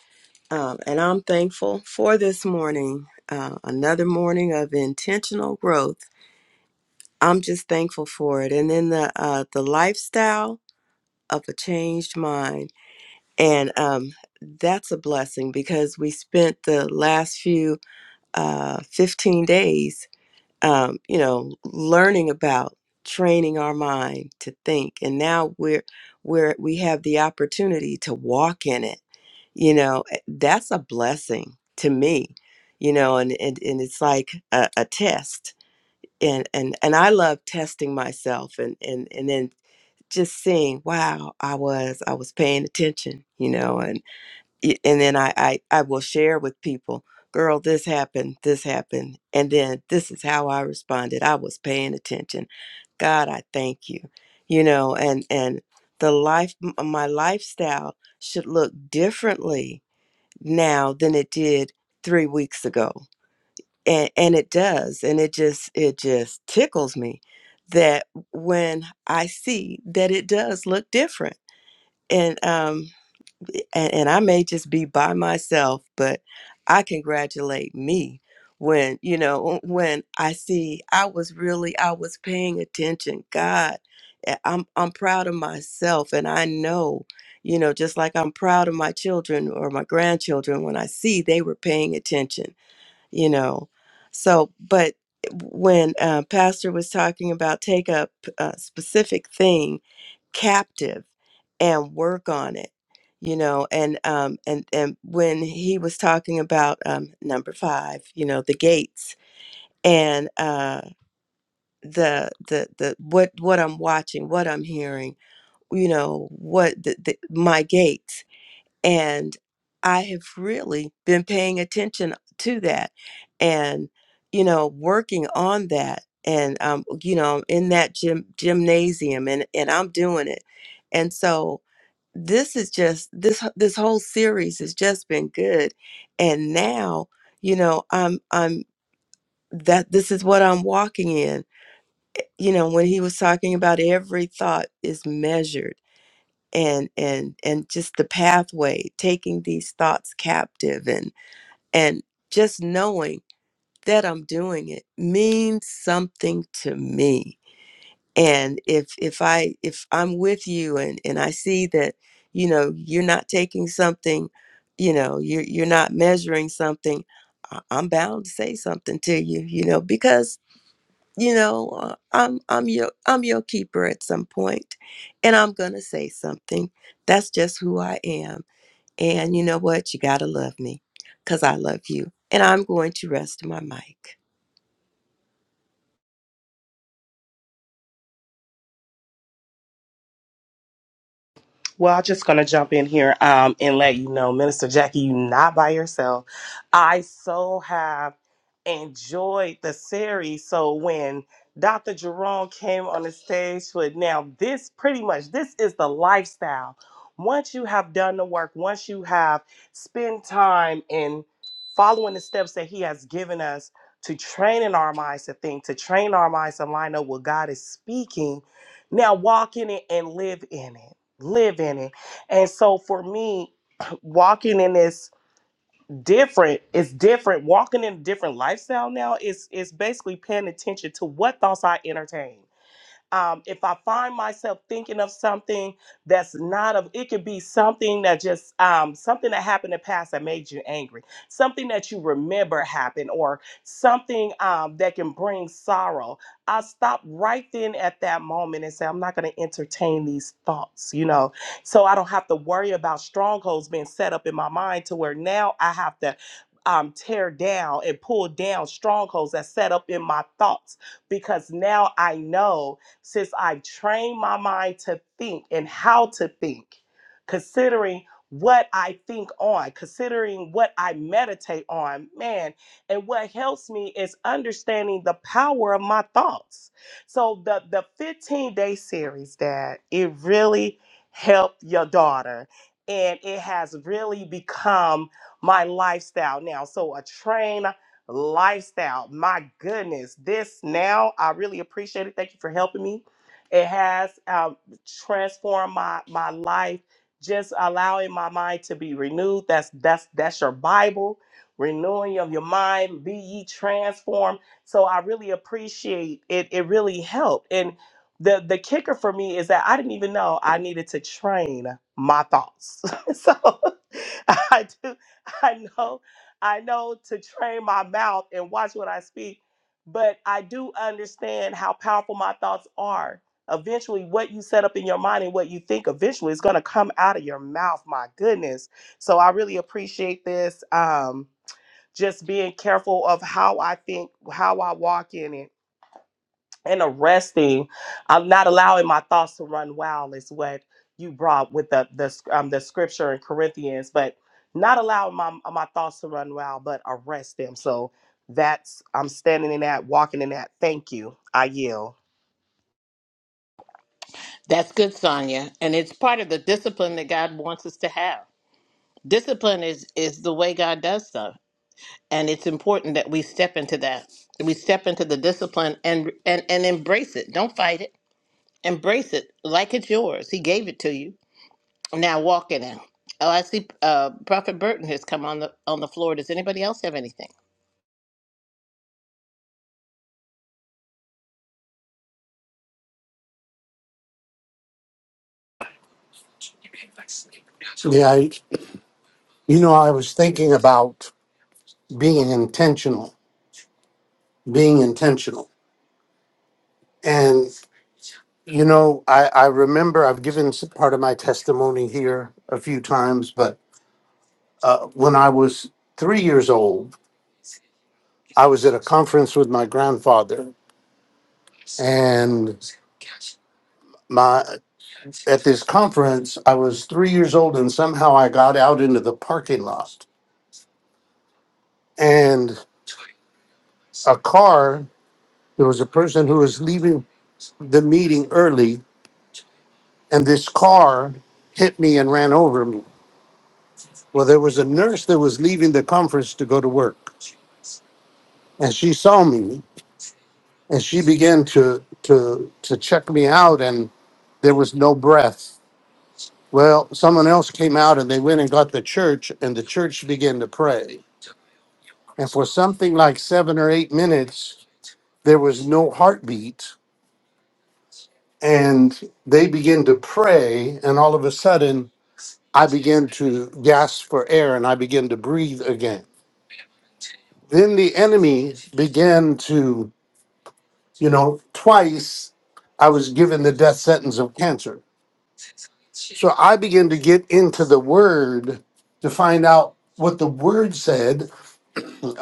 E: um, and I'm thankful for this morning, uh, another morning of intentional growth. I'm just thankful for it, and then the uh, the lifestyle of a changed mind, and um, that's a blessing because we spent the last few uh, 15 days, um, you know, learning about training our mind to think, and now we're we're we have the opportunity to walk in it you know eh, that's a blessing to me you know and and, and it's like a, a test and and and i love testing myself and and and then just seeing wow i was i was paying attention you know and y- and then i i, I will share with people girl this happened this happened and then this is how i responded i was paying attention god i thank you you know and and the life m- my lifestyle should look differently now than it did three weeks ago and and it does and it just it just tickles me that when i see that it does look different and um and, and I may just be by myself, but I congratulate me when, you know, when I see I was really I was paying attention. God, eh, I'm I'm proud of myself and I know, you know, just like I'm proud of my children or my grandchildren when I see they were paying attention, you know. So, but when uh, Pastor was talking about take up a specific thing captive and work on it you know and um and and when he was talking about um number 5 you know the gates and uh the the the what what I'm watching what I'm hearing you know what the, the my gates and I have really been paying attention to that and you know working on that and um you know in that gym gymnasium and and I'm doing it and so this is just this this whole series has just been good and now you know i'm i'm that this is what i'm walking in you know when he was talking about every thought is measured and and and just the pathway taking these thoughts captive and and just knowing that i'm doing it means something to me and if if i if i'm with you and and i see that you know you're not taking something you know you're you're not measuring something I- i'm bound to say something to you you know because you know uh, i'm i'm your i'm your keeper at some point and i'm gonna say something that's just who i am and you know what you gotta love me because i love you and i'm going to rest my mic
A: Well, I'm just going to jump in here um, and let you know, Minister Jackie, you are not by yourself. I so have enjoyed the series. So when Dr. Jerome came on the stage with now this pretty much this is the lifestyle. Once you have done the work, once you have spent time in following the steps that he has given us to train in our minds to think, to train our minds to line up what God is speaking, now walk in it and live in it live in it. And so for me, walking in this different, it's different. Walking in a different lifestyle now is it's basically paying attention to what thoughts I entertain. Um, if I find myself thinking of something that's not of, it could be something that just um, something that happened in the past that made you angry, something that you remember happened, or something um, that can bring sorrow. I stop right then at that moment and say, I'm not going to entertain these thoughts, you know, so I don't have to worry about strongholds being set up in my mind to where now I have to um, tear down and pull down strongholds that's set up in my thoughts because now I know since I trained my mind to think and how to think, considering what I think on, considering what I meditate on, man. And what helps me is understanding the power of my thoughts. So the the 15 day series, Dad, it really helped your daughter. And it has really become my lifestyle now. So a train lifestyle. My goodness, this now I really appreciate it. Thank you for helping me. It has um, transformed my my life. Just allowing my mind to be renewed. That's that's that's your Bible. Renewing of your mind, be ye transformed. So I really appreciate it. It really helped. And the the kicker for me is that I didn't even know I needed to train my thoughts. so I do I know I know to train my mouth and watch what I speak, but I do understand how powerful my thoughts are. Eventually, what you set up in your mind and what you think eventually is going to come out of your mouth. My goodness. So I really appreciate this. Um, just being careful of how I think, how I walk in it and arresting. I'm not allowing my thoughts to run wild is what you brought with the the um, the scripture in Corinthians, but not allowing my my thoughts to run wild, but arrest them. So that's I'm standing in that, walking in that. Thank you. I yield.
D: That's good, Sonia. And it's part of the discipline that God wants us to have. Discipline is, is the way God does stuff. and it's important that we step into that we step into the discipline and and and embrace it don't fight it embrace it like it's yours he gave it to you now walk in it oh i see uh prophet burton has come on the on the floor does anybody else have anything
F: Yeah, I- you know, I was thinking about being intentional, being intentional. And, you know, I, I remember I've given s- part of my testimony here a few times, but uh, when I was three years old, I was at a conference with my grandfather. And my at this conference, I was three years old, and somehow I got out into the parking lot. And a car, there was a person who was leaving the meeting early and this car hit me and ran over me. Well, there was a nurse that was leaving the conference to go to work, and she saw me, and she began to to to check me out, and there was no breath. Well, someone else came out, and they went and got the church, and the church began to pray, and for something like seven or eight minutes, there was no heartbeat, and they began to pray, and all of a sudden, I began to gasp for air, and I began to breathe again Then the enemy began to, you know, twice I was given the death sentence of cancer. So I began to get into the word to find out what the word said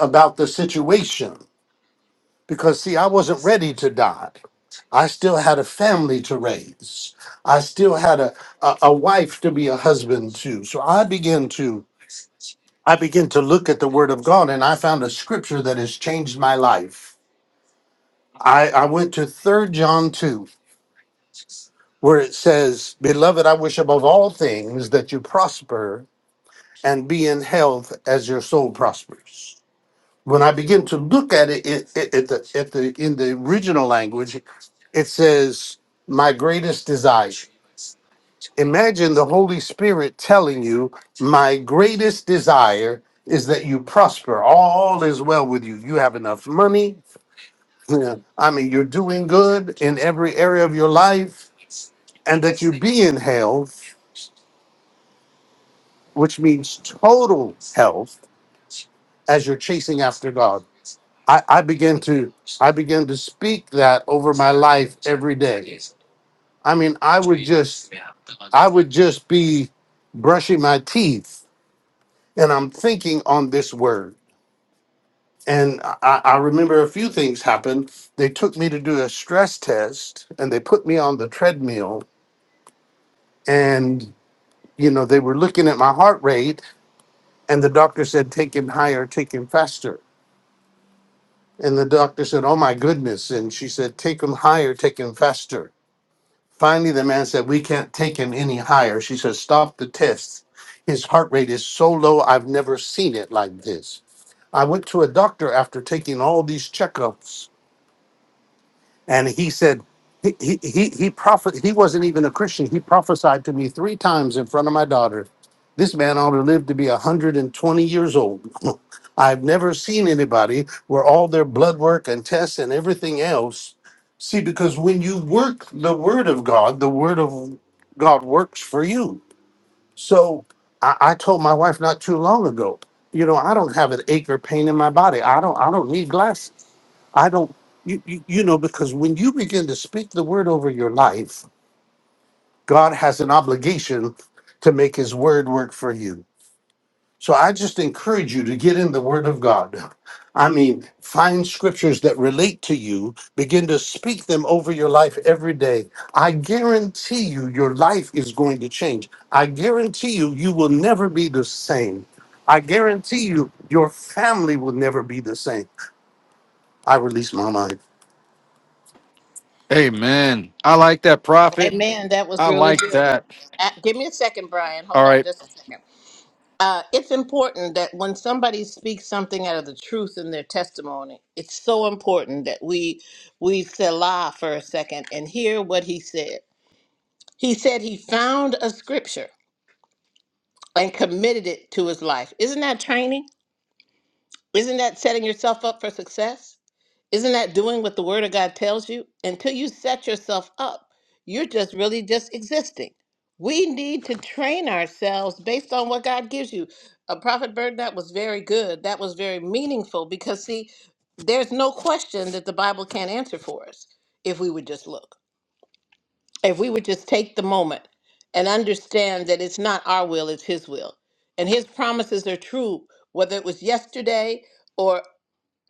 F: about the situation. Because, see, I wasn't ready to die. I still had a family to raise. I still had a, a, a wife to be a husband to. So I began to I began to look at the word of God and I found a scripture that has changed my life. I, I went to Third John 2, where it says, Beloved, I wish above all things that you prosper and be in health as your soul prospers. When I begin to look at it, it, it at the, at the, in the original language, it says, My greatest desire. Imagine the Holy Spirit telling you, My greatest desire is that you prosper. All is well with you. You have enough money. I mean, you're doing good in every area of your life and that you be in health, which means total health, as you're chasing after God. I, I begin to I begin to speak that over my life every day. I mean, I would just I would just be brushing my teeth and I'm thinking on this word. And I, I I remember a few things happened. They took me to do a stress test and they put me on the treadmill and you know they were looking at my heart rate And the doctor said, Take him higher, take him faster. And the doctor said, Oh my goodness. And she said, Take him higher, take him faster. Finally, the man said, We can't take him any higher. She said, Stop the test. His heart rate is so low, I've never seen it like this. I went to a doctor after taking all these checkups and he said he he he, he prophet he wasn't even a christian he prophesied to me three times in front of my daughter this man ought to live to be 120 years old i've never seen anybody where all their blood work and tests and everything else see because when you work the word of god the word of god works for you so i, I told my wife not too long ago you know i don't have an ache or pain in my body i don't i don't need I don't, you, you, you know, because when you begin to speak the word over your life, God has an obligation to make his word work for you. So I just encourage you to get in the word of God. I mean, find scriptures that relate to you, begin to speak them over your life every day. I guarantee you, your life is going to change. I guarantee you, you will never be the same. I guarantee you, your family will never be the same. I release my mind.
G: Amen. I like that prophet.
D: amen that was
G: I
D: really
G: like
D: good
G: that.
D: uh, give me a second
G: All right.
D: uh it's important that when somebody speaks something out of the truth in their testimony it's so important that we we selah for a second and hear what he said he said he found a scripture and committed it to his life. Isn't that training? Isn't that setting yourself up for success? Isn't that doing what the word of God tells you? Until you set yourself up, you're just really just existing. We need to train ourselves based on what God gives you. A prophet bird, that was very good. That was very meaningful because, see, there's no question that the Bible can't answer for us if we would just look if we would just take the moment and understand that it's not our will, it's His will. And His promises are true, whether it was yesterday or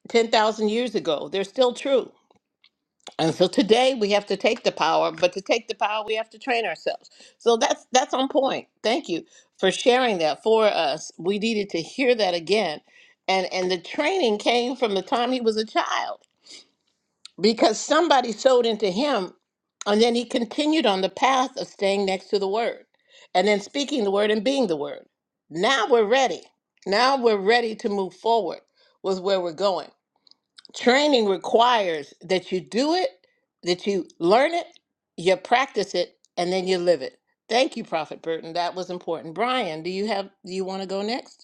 D: 10,000 years ago, they're still true. And so today we have to take the power, but to take the power, we have to train ourselves. So that's that's on point. Thank you for sharing that for us. We needed to hear that again. And and the training came from the time he was a child because somebody sowed into him and then he continued on the path of staying next to the word and then speaking the word and being the word now we're ready now we're ready to move forward with where we're going training requires that you do it that you learn it you practice it and then you live it thank you prophet burton that was important brian do you have do you want to go next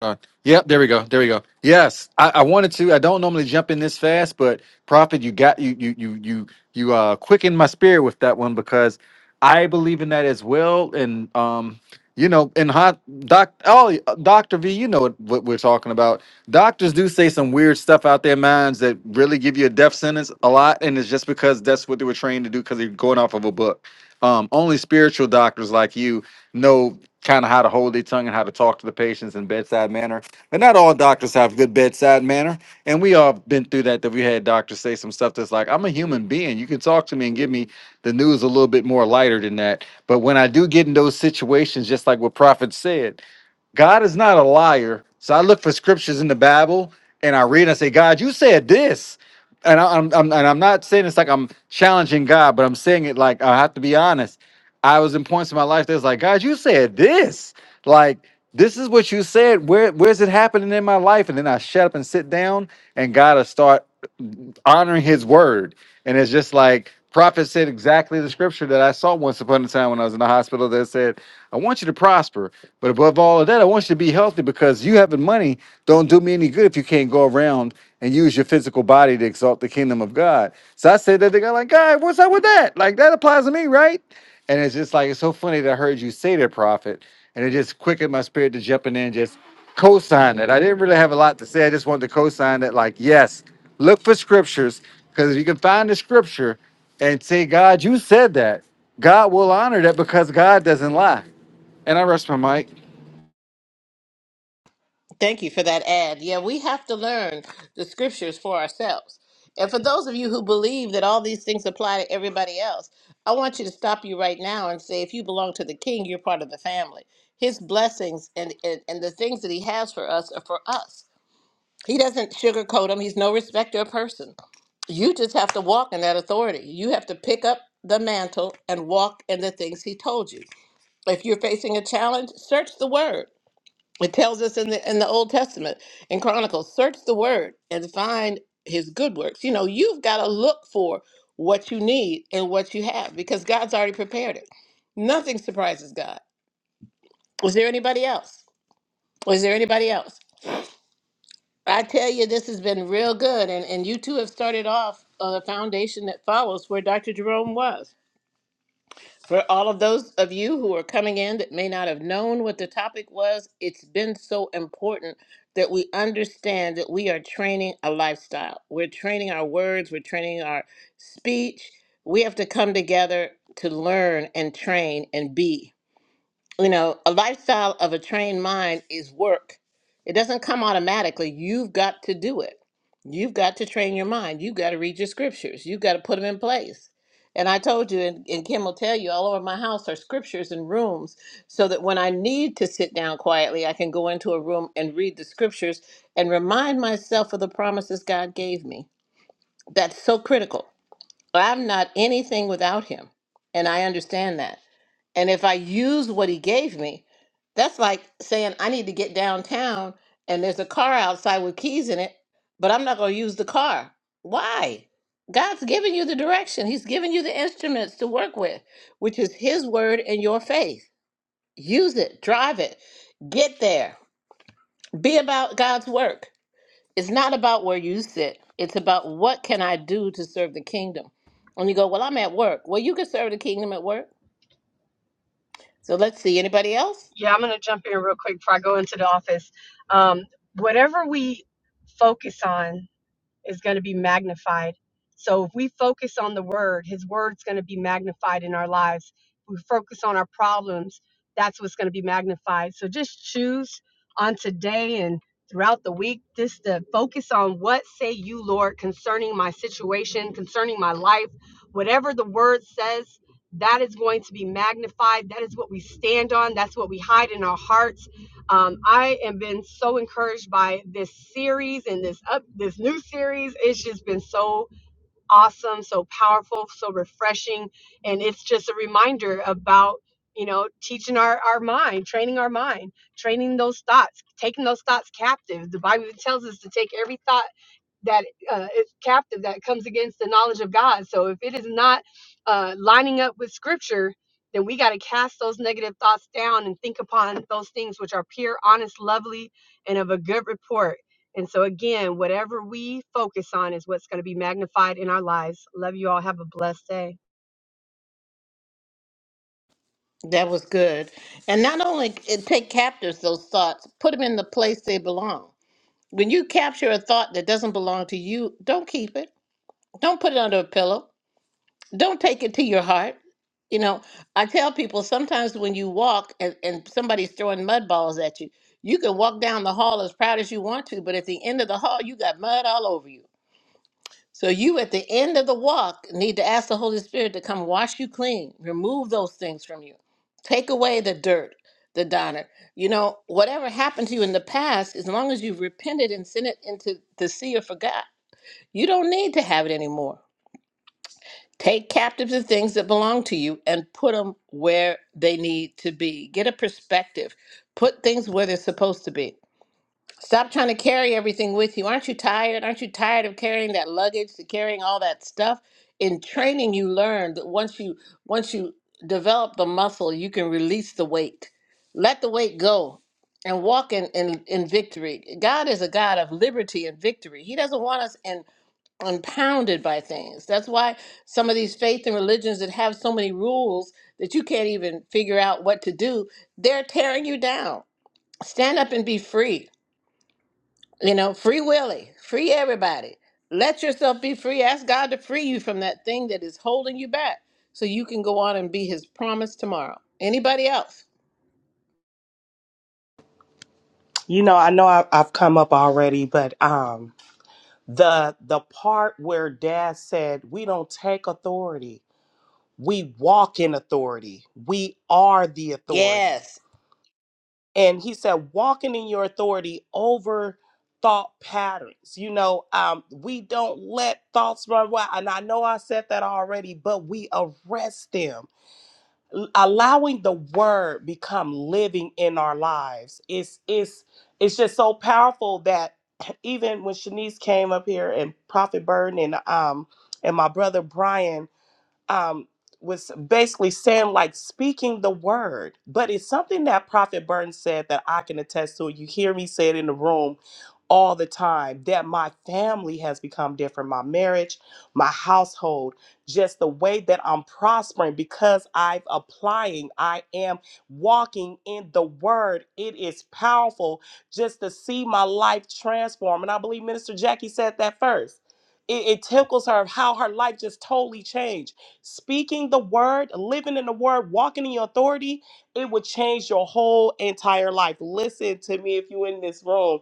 G: Uh, yep, there we go. There we go. Yes, I, I wanted to. I don't normally jump in this fast, but Prophet, you got you you you you you uh quickened my spirit with that one because I believe in that as well. And um, you know, and hot doc, oh, Doctor V, you know what, what we're talking about. Doctors do say some weird stuff out their minds that really give you a death sentence a lot, and it's just because that's what they were trained to do because they're going off of a book. Um, only spiritual doctors like you know kind of how to hold their tongue and how to talk to the patients in bedside manner. But not all doctors have good bedside manner. And we all been through that, that we had doctors say some stuff that's like, I'm a human being. You can talk to me and give me the news a little bit more lighter than that. But when I do get in those situations, just like what Prophet said, God is not a liar. So I look for scriptures in the Bible and I read and I say, God, you said this. And I, I'm, I'm- and I'm not saying it's like I'm challenging God, but I'm saying it like I have to be honest. I was in points in my life that's like, God, you said this. Like, this is what you said. Where where's it happening in my life? And then I shut up and sit down and God, to start honoring his word. And it's just like prophet said exactly the scripture that I saw once upon a time when I was in the hospital that said, I want you to prosper, but above all of that, I want you to be healthy because you having money don't do me any good if you can't go around and use your physical body to exalt the kingdom of God. So I said that to God, like, God, what's up with that? Like that applies to me, right? And it's just like it's so funny that I heard you say that, Prophet, and it just quickened my spirit to jump in there and just co-sign it. I didn't really have a lot to say. I just wanted to co-sign that, like, yes, look for scriptures because if you can find the scripture and say, God, you said that. God will honor that because God doesn't lie. And I rest my mic.
D: Thank you for that ad. Yeah, we have to learn the scriptures for ourselves. And for those of you who believe that all these things apply to everybody else, I want you to stop you right now and say, if you belong to the king, you're part of the family. His blessings and, and, and the things that he has for us are for us. He doesn't sugarcoat them, he's no respecter of person. You just have to walk in that authority. You have to pick up the mantle and walk in the things he told you. If you're facing a challenge, search the word it tells us in the in the Old Testament in Chronicles, search the word and find his good works. You know, you've got to look for what you need and what you have because God's already prepared it. Nothing surprises God. Is there anybody else? Is there anybody else? I tell you, this has been real good, and, and you two have started off on a foundation that follows where Dr. Jerome was. For all of those of you who are coming in that may not have known what the topic was, it's been so important that we understand that we are training a lifestyle. We're training our words, we're training our speech. We have to come together to learn and train and be you know, a lifestyle of a trained mind is work. It doesn't come automatically. You've got to do it. You've got to train your mind. You've got to read your scriptures. You've got to put them in place. And I told you, and, and Kim will tell you, all over my house are scriptures and rooms so that when I need to sit down quietly, I can go into a room and read the scriptures and remind myself of the promises God gave me. That's so critical I'm not anything without him. And I understand that. And if I use what he gave me, that's like saying I need to get downtown and there's a car outside with keys in it, but I'm not going to use the car. Why? God's given you the direction, He's given you the instruments to work with, which is His word and your faith. Use it, drive it, get there, be about God's work. It's not about where you sit. It's about what can I do to serve the kingdom. And you go, well, I'm at work. Well, you can serve the kingdom at work. So let's see. Anybody else?
H: Yeah, I'm going to jump in real quick before I go into the office. Um, whatever we focus on is going to be magnified. So if we focus on the word, his word's going to be magnified in our lives. If we focus on our problems, that's what's going to be magnified. So just choose on today and throughout the week just to focus on what say you, Lord, concerning my situation, concerning my life, whatever the word says, that is going to be magnified. That is what we stand on. That's what we hide in our hearts um, I have been so encouraged by this series and this up this new series. It's just been so awesome, so powerful, so refreshing. And it's just a reminder about, you know, teaching our, our mind, training our mind, training those thoughts, taking those thoughts captive. The Bible tells us to take every thought that uh, is captive that comes against the knowledge of God. So if it is not uh, lining up with scripture, then we got to cast those negative thoughts down and think upon those things which are pure, honest, lovely, and of a good report and so, again, whatever we focus on is what's going to be magnified in our lives. Love you all. Have a blessed day.
D: That was good. And not only it take captors those thoughts, put them in the place they belong. When you capture a thought that doesn't belong to you, don't keep it. Don't put it under a pillow. don't take it to your heart. You know, I tell people sometimes when you walk and, and somebody's throwing mud balls at you, you can walk down the hall as proud as you want to, but at the end of the hall, you got mud all over you. So you at the end of the walk need to ask the Holy Spirit to come wash you clean, remove those things from you, take away the dirt, the donor. You know, whatever happened to you in the past, as long as you've repented and sent it into the sea of forgot, you don't need to have it anymore. Take captive the things that belong to you and put them where they need to be. Get a perspective. Put things where they're supposed to be. Stop trying to carry everything with you. Aren't you tired? Aren't you tired of carrying that luggage, to carrying all that stuff? In training, you learn that once you once you develop the muscle, you can release the weight. Let the weight go and walk in, in, in victory. God is a God of liberty and victory. He doesn't want us impounded by things. That's why some of these faith and religions that have so many rules that you can't even figure out what to do, they're tearing you down. Stand up and be free. You know, free Willie, free everybody. Let yourself be free. Ask God to free you from that thing that is holding you back so you can go on and be his promise tomorrow. Anybody else?
A: You know, I know I, I've come up already, but um, the the part where Dad said we don't take authority, we walk in authority. We are the authority
D: Yes.
A: and he said walking in your authority over thought patterns you know um we don't let thoughts run wild and i know i said that already but we arrest them L- allowing the word become living in our lives it's it's it's just so powerful that even when shanice came up here and prophet burden and um and my brother brian um, was basically saying like speaking the word, but it's something that Prophet Burton said that I can attest to. You hear me say it in the room all the time that my family has become different, my marriage, my household, just the way that I'm prospering because I've applying, I am walking in the word. It is powerful just to see my life transform. And I believe Minister Jackie said that first. It, it tickles her how her life just totally changed speaking the word, living in the word, walking in your authority, it would change your whole entire life. Listen to me if you're in this room.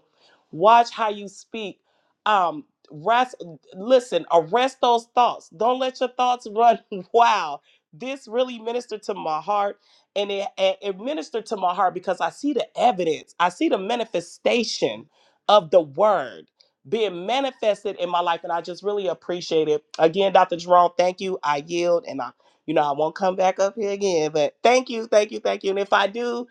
A: Watch how you speak. Um, rest, listen, arrest those thoughts. Don't let your thoughts run wild. This really ministered to my heart, and it, it it ministered to my heart because I see the evidence, I see the manifestation of the word being manifested in my life and I just really appreciate it. Again, Dr. Jerome, thank you. I yield and I you know I won't come back up here again, but thank you, thank you, thank you. And if I do,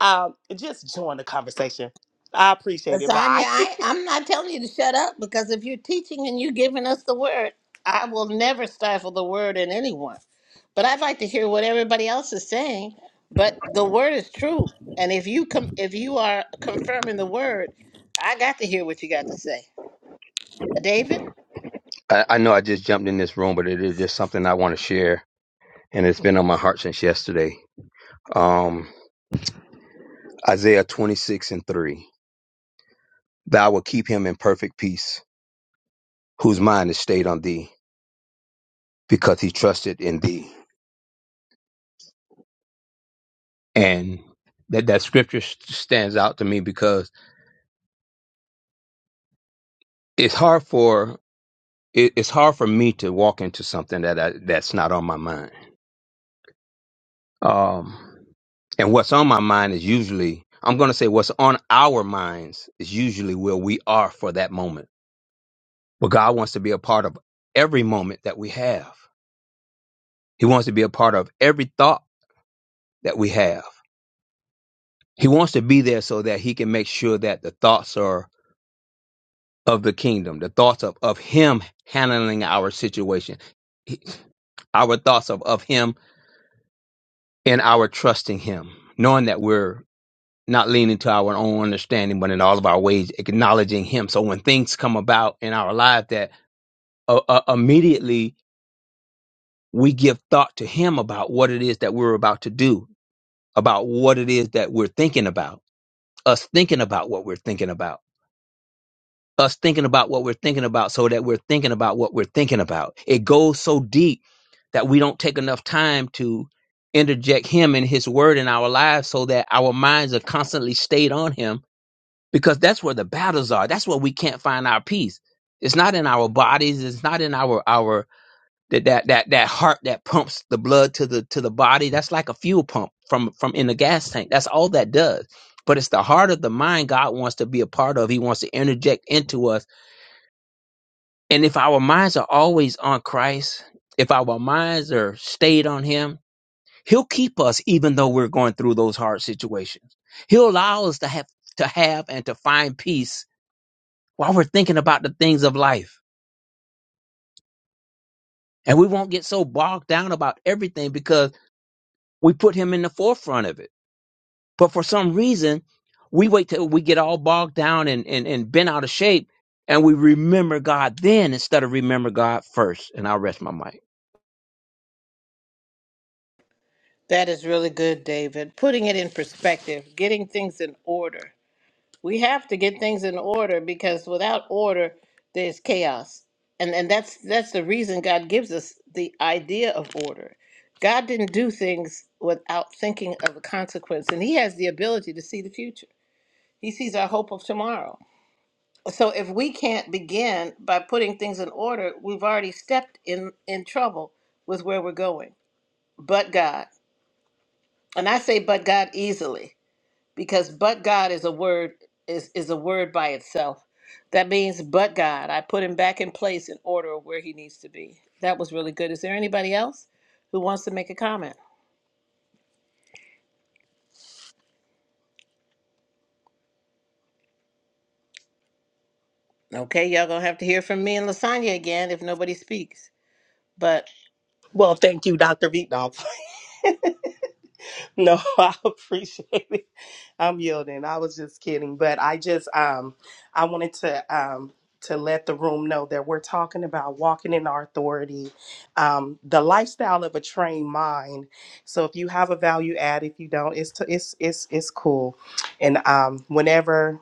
A: um just join the conversation. I appreciate it.
D: Lasagna,
A: Bye.
D: I, I'm not telling you to shut up because if you're teaching and you're giving us the word, I will never stifle the word in anyone. But I'd like to hear what everybody else is saying. But the word is true, and if you com- if you are confirming the word, I got to hear what you got to say, David.
I: I, I know I just jumped in this room, but it is just something I want to share, and it's been on my heart since yesterday. Um, Isaiah 26 and 3. Thou will keep him in perfect peace, whose mind is stayed on thee, because he trusted in thee. And that, that scripture s- stands out to me because it's hard for it, it's hard for me to walk into something that I, that's not on my mind. Um, and what's on my mind is usually I'm going to say what's on our minds is usually where we are for that moment But God wants to be a part of every moment that we have. He wants to be a part of every thought that we have. He wants to be there so that he can make sure that the thoughts are of the kingdom, the thoughts of, of him handling our situation, He- our thoughts of, of him and our trusting him, knowing that we're not leaning to our own understanding, but in all of our ways, acknowledging him. So when things come about in our life that uh, uh, immediately we give thought to him about what it is that we're about to do about what it is that we're thinking about, us thinking about what we're thinking about, us thinking about what we're thinking about, so that we're thinking about what we're thinking about. It goes so deep that we don't take enough time to interject Him and His Word in our lives so that our minds are constantly stayed on Him because that's where the battles are. That's where we can't find our peace. It's not in our bodies, it's not in our, our that that that that heart that pumps the blood to the to the body that's like a fuel pump from from in the gas tank that's all that does but it's the heart of the mind god wants to be a part of he wants to interject into us and if our minds are always on christ if our minds are stayed on him he'll keep us even though we're going through those hard situations he'll allow us to have to have and to find peace while we're thinking about the things of life and we won't get so bogged down about everything because we put him in the forefront of it But for some reason, we wait till we get all bogged down and, and, and bent out of shape and we remember God then instead of remember God first. And I'll rest my mic.
D: That is really good, David. Putting it in perspective, getting things in order. we have to get things in order because without order there's chaos and and that's that's the reason god gives us the idea of order god didn't do things without thinking of the consequence and he has the ability to see the future he sees our hope of tomorrow so if we can't begin by putting things in order we've already stepped in in trouble with where we're going but god and i say but god easily because but God is a word is is a word by itself. That means but God. I put him back in place in order of where he needs to be. That was really good. Is there anybody else who wants to make a comment? Okay, y'all gonna have to hear from me and Lasagna again if nobody speaks. But
A: well, thank you, Dr. Vietnam. No, I appreciate it. I'm yielding. I was just kidding, but I just um I wanted to um to let the room know that we're talking about walking in our authority, um, the lifestyle of a trained mind. So if you have a value add, if you don't, it's to, it's it's it's cool. And um, whenever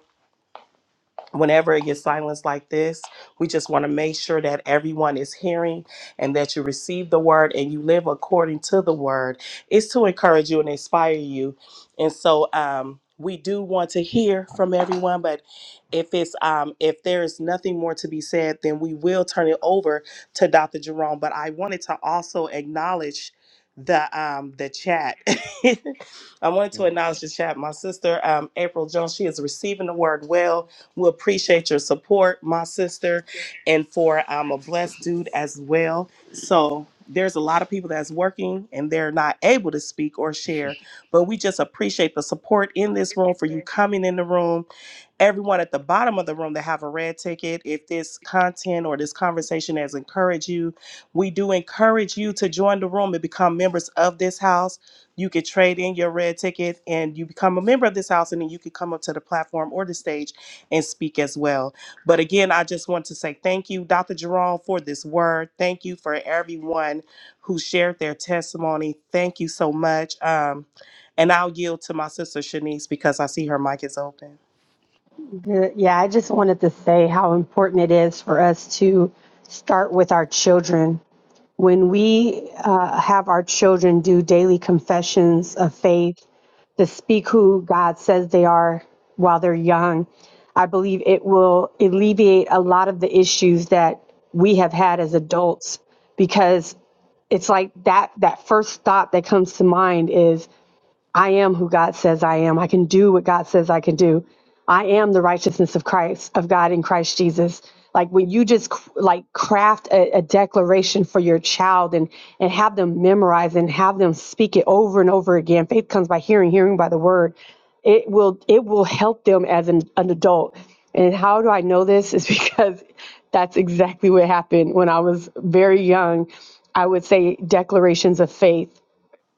A: whenever it gets silenced like this, we just want to make sure that everyone is hearing and that you receive the word and you live according to the word. It's to encourage you and inspire you. And so um we do want to hear from everyone, but if it's um if there is nothing more to be said, then we will turn it over to Dr. Jerome. But I wanted to also acknowledge the um the chat. I wanted to acknowledge the chat. My sister um April Jones, she is receiving the word well we appreciate your support, my sister, and for I'm a blessed dude as well. So there's a lot of people that's working and they're not able to speak or share, but we just appreciate the support in this room for you coming in the room everyone at the bottom of the room that have a red ticket if this content or this conversation has encouraged you we do encourage you to join the room and become members of this house you could trade in your red ticket and you become a member of this house and then you could come up to the platform or the stage and speak as well but again i just want to say thank you dr jerome for this word thank you for everyone who shared their testimony thank you so much um, and i'll yield to my sister shanice because i see her mic is open
H: Good. Yeah, I just wanted to say how important it is for us to start with our children. When we uh, have our children do daily confessions of faith to speak who God says they are while they're young, I believe it will alleviate a lot of the issues that we have had as adults because. it's like that that first thought that comes to mind is I am who God says I am. I can do what God says I can do. I am the righteousness of Christ, of God in Christ Jesus. Like when you just c- like craft a, a declaration for your child and and have them memorize and have them speak it over and over again. Faith comes by hearing, hearing by the word. It will it will help them as an, an adult. And how do I know this? Is because that's exactly what happened when I was very young. I would say declarations of faith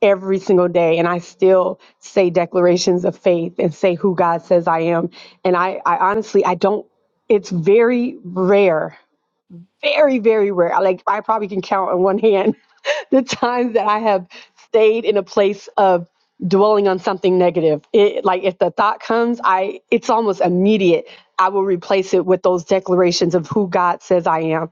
H: every single day and I still say declarations of faith and say who God says I am. And I, I honestly I don't it's very rare, very, very rare. I like I probably can count on one hand the times that I have stayed in a place of dwelling on something negative. It like if the thought comes, I it's almost immediate. I will replace it with those declarations of who God says I am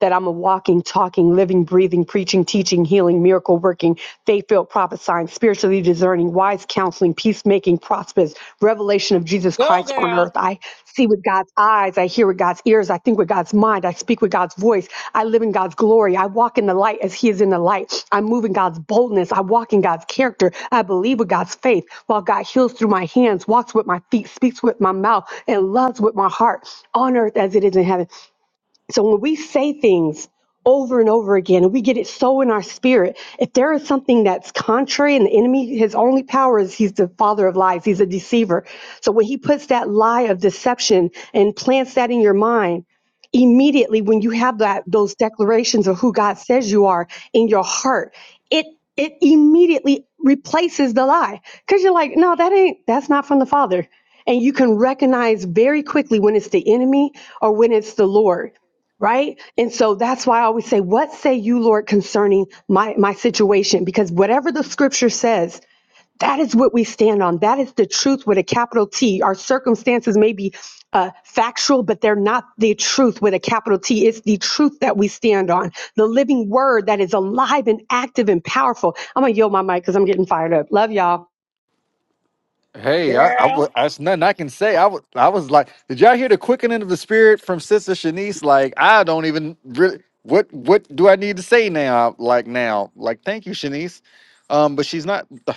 H: that I'm a walking, talking, living, breathing, preaching, teaching, healing, miracle working, faith filled, prophesying, spiritually discerning, wise counseling, peacemaking, prosperous, revelation of Jesus
D: go
H: Christ on
D: girl.
H: earth. I see with God's eyes, I hear with God's ears, I think with God's mind, I speak with God's voice, I live in God's glory, I walk in the light as He is in the light, I move in God's boldness, I walk in God's character, I believe with God's faith, while God heals through my hands, walks with my feet, speaks with my mouth, and loves with my heart on earth as it is in heaven. So when we say things over and over again and we get it so in our spirit, if there is something that's contrary and the enemy, his only power is he's the father of lies, he's a deceiver. So when he puts that lie of deception and plants that in your mind, immediately when you have that those declarations of who God says you are in your heart, it it immediately replaces the lie because you're like, no, that ain't that's not from the Father, and you can recognize very quickly when it's the enemy or when it's the Lord. Right. And so that's why I always say, What say you, Lord, concerning my, my situation? Because whatever the scripture says that is what we stand on. That is the truth with a capital T. Our circumstances may be uh, factual, but they're not the truth with a capital T. It's the truth that we stand on, the living word that is alive and active and powerful. I'm going to yield my mic because I'm getting fired up. Love y'all.
G: Hey, I, I,
D: Girl.
G: wa- that's nothing I can say. I was, I was like, did y'all hear the quickening of the spirit from Sister Shanice? Like, I don't even really. What, what do I need to say now? Like now, like thank you, Shanice. Um, but she's not. ugh,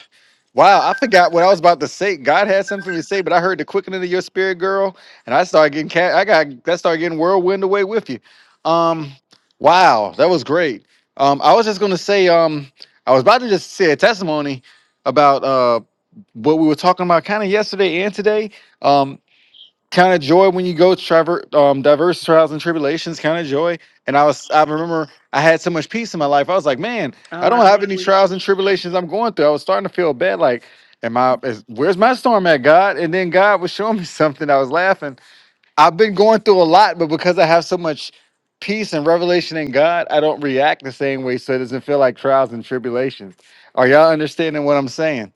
G: Wow, I forgot what I was about to say. God had something to say, but I heard the quickening of your spirit, girl, and I started getting cat. I got that started getting whirlwind away with you. Um, wow, that was great. Um, I was just gonna say, um, I was about to just say a testimony about uh what we were talking about kind of yesterday and today. Um, count of joy when you go traver- um, diverse trials and tribulations, count of joy. And I was, I remember I had so much peace in my life. I was like, man, I
A: Um, I
G: don't have
A: think
G: any
A: we
G: trials and tribulations I'm going through. I was starting to feel bad. Like, am I, is, where's my storm at, God? And then God was showing me something. I was laughing. I've been going through a lot, but because I have so much peace and revelation in God, I don't react the same way. So it doesn't feel like trials and tribulations. Are y'all understanding what I'm saying?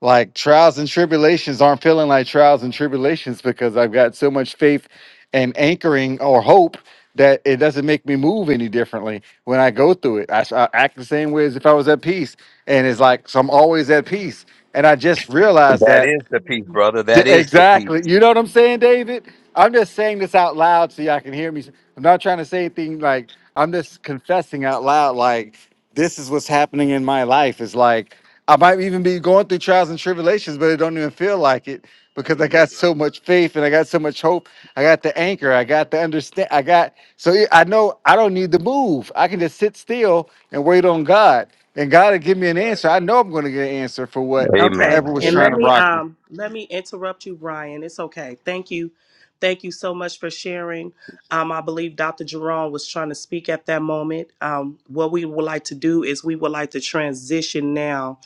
G: like trials and tribulations aren't feeling like trials and tribulations because I've got so much faith and anchoring or hope that it doesn't make me move any differently when I go through it. I I act the same way as if I was at peace, and it's like so I'm always at peace. And I just realized
I: That
G: that
I: is the peace, brother.
G: D-
I: That is the peace.
G: Exactly. You know what I'm saying, David? I'm just saying this out loud so y'all can hear me. I'm not trying to say anything like I'm just confessing out loud. Like this is what's happening in my life. It's like I might even be going through trials and tribulations, but it don't even feel like it
C: I
G: because I
C: hear you,
G: got
C: Brian.
G: so much faith and I got so much hope. I got the anchor. I got the understand. I got so yeah, I know I don't need to move. I can just sit still and wait on God, and God will give me an
C: Right.
G: answer. I know I'm going to get an answer for
I: Amen.
A: okay.
G: whatever was
A: And
G: trying
A: let
G: to
I: Amen.
A: me
G: rock me.
A: um let me interrupt you, Brian. It's okay. Thank you, thank you so much for sharing. Um, I believe Dr. Jerome was trying to speak at that moment. Um, what we would like to do is we would like to transition now,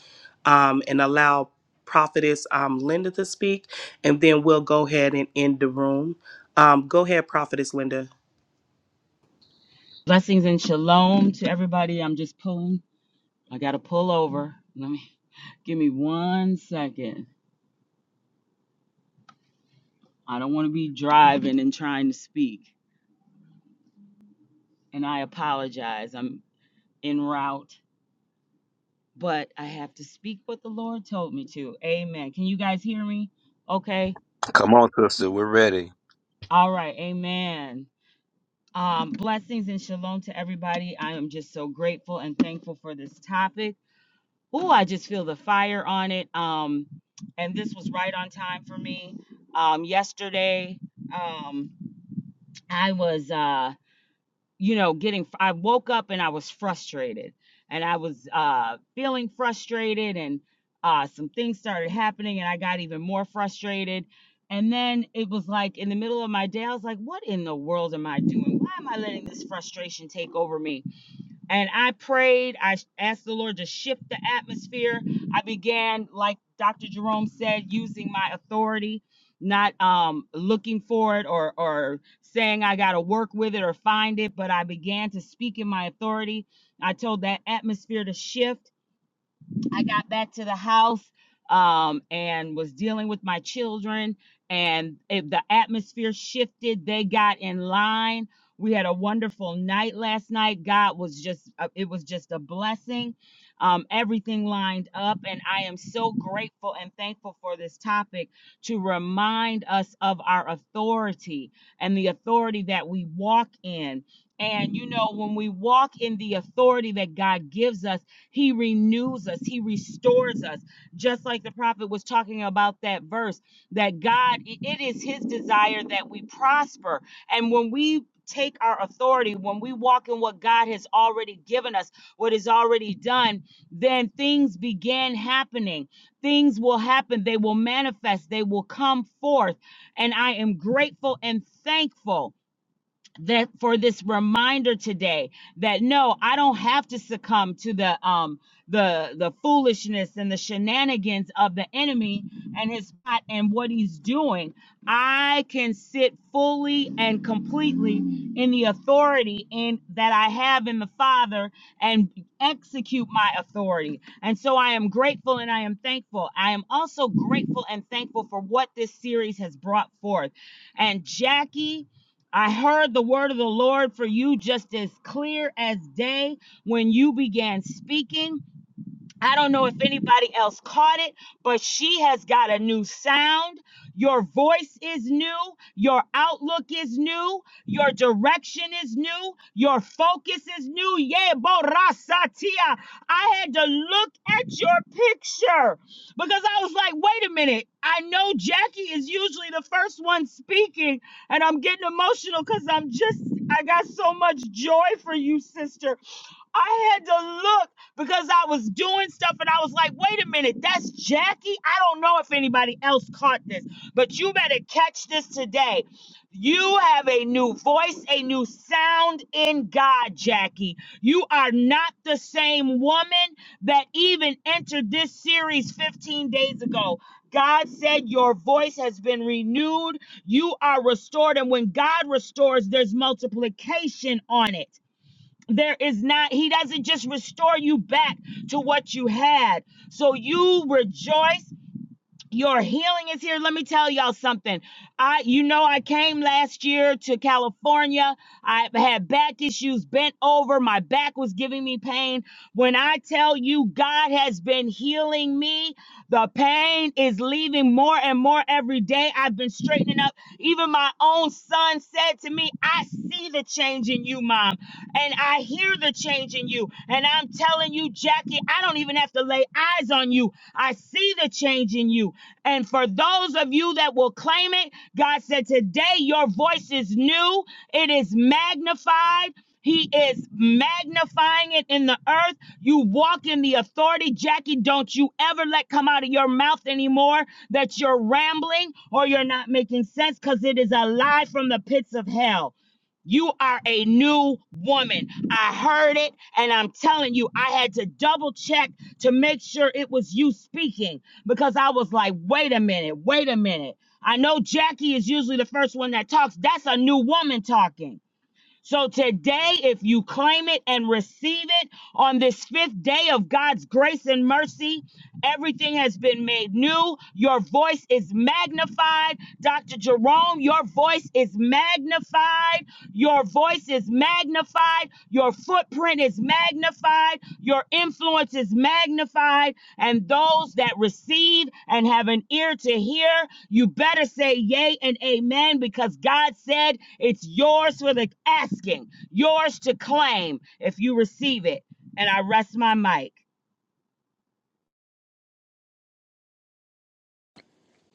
A: um, and allow Prophetess um Linda to speak, and then we'll go ahead and end the room. Um, go ahead, Prophetess Linda.
J: Blessings and shalom to everybody. I'm just pulling. I got to pull over. Let me give me one second. I don't want to be driving and trying to speak. And I apologize. I'm en route, but I have to speak what the Lord told me to. Amen. Can you guys hear me? Okay.
I: Come on, sister. We're ready.
J: All right. Amen. Um, blessings and shalom to everybody. I am just so grateful and thankful for this topic. Ooh, I just feel the fire on it. Um, and this was right on time for me. Um, yesterday, um, I was, uh, you know, getting, I woke up and I was frustrated and I was uh, feeling frustrated and uh, some things started happening and I got even more frustrated. And then it was like in the middle of my day, I was like, what in the world am I doing? Why am I letting this frustration take over me? and I prayed. I asked the Lord to shift the atmosphere. I began, like Dr. Jerome said, using my authority, not um, looking for it or or saying I got to work with it or find it, but I began to speak in my authority. I told that atmosphere to shift. I got back to the house um, and was dealing with my children, and it, the atmosphere shifted. They got in line. We had a wonderful night last night. God was just, uh, it was just a blessing. Um, everything lined up, and I am so grateful and thankful for this topic to remind us of our authority and the authority that we walk in. And, you know, when we walk in the authority that God gives us, he renews us, He restores us. Just like the prophet was talking about that verse, that God, it is His desire that we prosper. And when we take our authority, when we walk in what God has already given us, what is already done, then things begin happening. Things will happen, they will manifest, they will come forth. And I am grateful and thankful that for this reminder today that no i don't have to succumb to the um the the foolishness and the shenanigans of the enemy and his plot and what he's doing i can sit fully and completely in the authority in that i have in the father and execute my authority and so i am grateful and i am thankful i am also grateful and thankful for what this series has brought forth and jackie I heard the word of the Lord for you just as clear as day when you began speaking. I don't know if anybody else caught it, but she has got a new sound. Your voice is new. Your outlook is new. Your direction is new. Your focus is new. Yeah, Borasatia. I had to look at your picture because I was like, wait a minute. I know Jackie is usually the first one speaking, and I'm getting emotional because I'm just, I got so much joy for you, sister. I had to look because I was doing stuff and I was like, wait a minute, that's Jackie? I don't know if anybody else caught this, but you better catch this today. You have a new voice, a new sound in God, Jackie. You are not the same woman that even entered this series 15 days ago. God said your voice has been renewed. You are restored. And when God restores, there's multiplication on it. There is not, he doesn't just restore you back to what you had. So you rejoice your healing is here. Let me tell y'all something. I, you know, I came last year to California. I had back issues, bent over. My back was giving me pain. When I tell you God has been healing me, the pain is leaving more and more every day. I've been straightening up. Even my own son said to me, I see the change in you, mom, and I hear the change in you. And I'm telling you, Jackie, I don't even have to lay eyes on you. I see the change in you. And for those of you that will claim it, God said, Today your voice is new, it is magnified. He is magnifying it in the earth. You walk in the authority. Jackie, don't you ever let come out of your mouth anymore that you're rambling or you're not making sense because it is a lie from the pits of hell. You are a new woman. I heard it, and I'm telling you, I had to double check to make sure it was you speaking because I was like, wait a minute, wait a minute. I know Jackie is usually the first one that talks. That's a new woman talking. So today, if you claim it and receive it on this fifth day of God's grace and mercy, everything has been made new. Your voice is magnified. Dr. Jerome, your voice is magnified. Your voice is magnified. Your footprint is magnified. Your influence is magnified and those that receive and have an ear to hear, you better say yay and amen because God said it's yours for the asking, yours to claim if you receive it. And I rest my mic.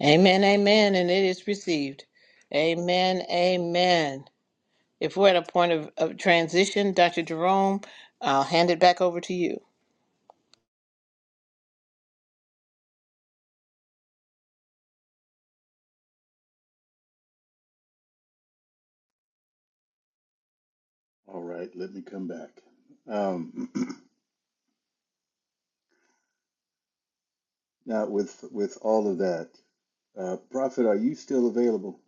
D: Amen, amen, and it is received. Amen, amen. If we're at a point of, of transition, Dr. Jerome, I'll hand it back over to you.
C: All right. Let me come back. Um, now, with with all of that, uh, Prophet, are you still available?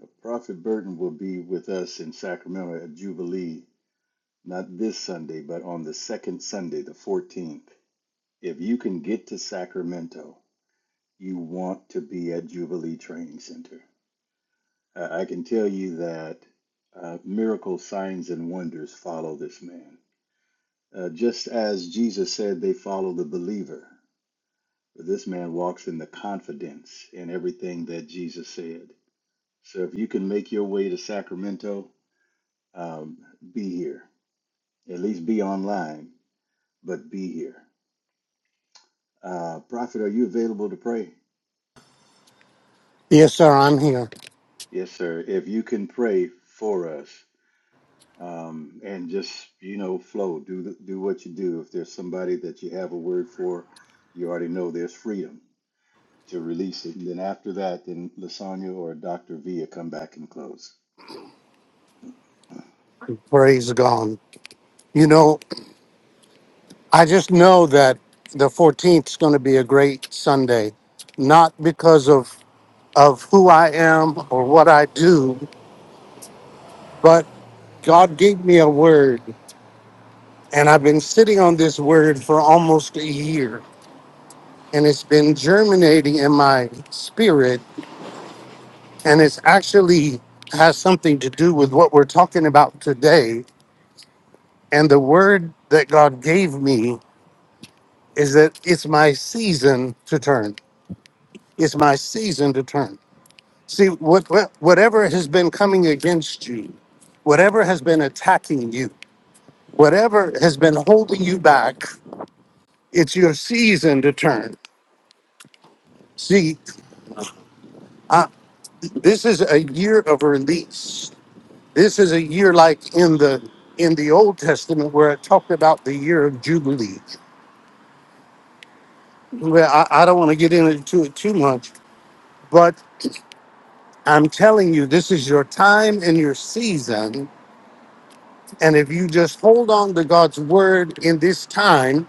C: Uh, Prophet Burton will be with us in Sacramento at Jubilee, not this Sunday, but on the second Sunday, the 14th. If you can get to Sacramento, you want to be at Jubilee Training Center. Uh, I can tell you that uh, miracles, signs, and wonders follow this man. Uh, just as Jesus said, they follow the believer. This man walks in the confidence in everything that Jesus said. So if you can make your way to Sacramento, um, be here. At least be online, but be here. Uh, Prophet, are you available to pray?
F: Yes, sir, I'm here.
C: Yes, sir. If you can pray for us, um, and just you know flow do the- do what you do if there's somebody that you have a word for you already know there's freedom to release it and then after that then lasagna or dr via come back and close
F: Praise God. You know, I just know that the 14th is going to be a great Sunday, not because of of who I am or what I do, but God gave me a word, and I've been sitting on this word for almost a year, and it's been germinating in my spirit, and it's actually has something to do with what we're talking about today. And the word that God gave me is that it's my season to turn It's my season to turn. See, what, what- whatever has been coming against you, whatever has been attacking you, whatever has been holding you back, it's your season to turn. See, uh, this is a year of release. This is a year like in the in the Old Testament where it talked about the year of Jubilee. Well, I, I don't want to get into it too much, but I'm telling you, this is your time and your season And if you just hold on to God's word in this time,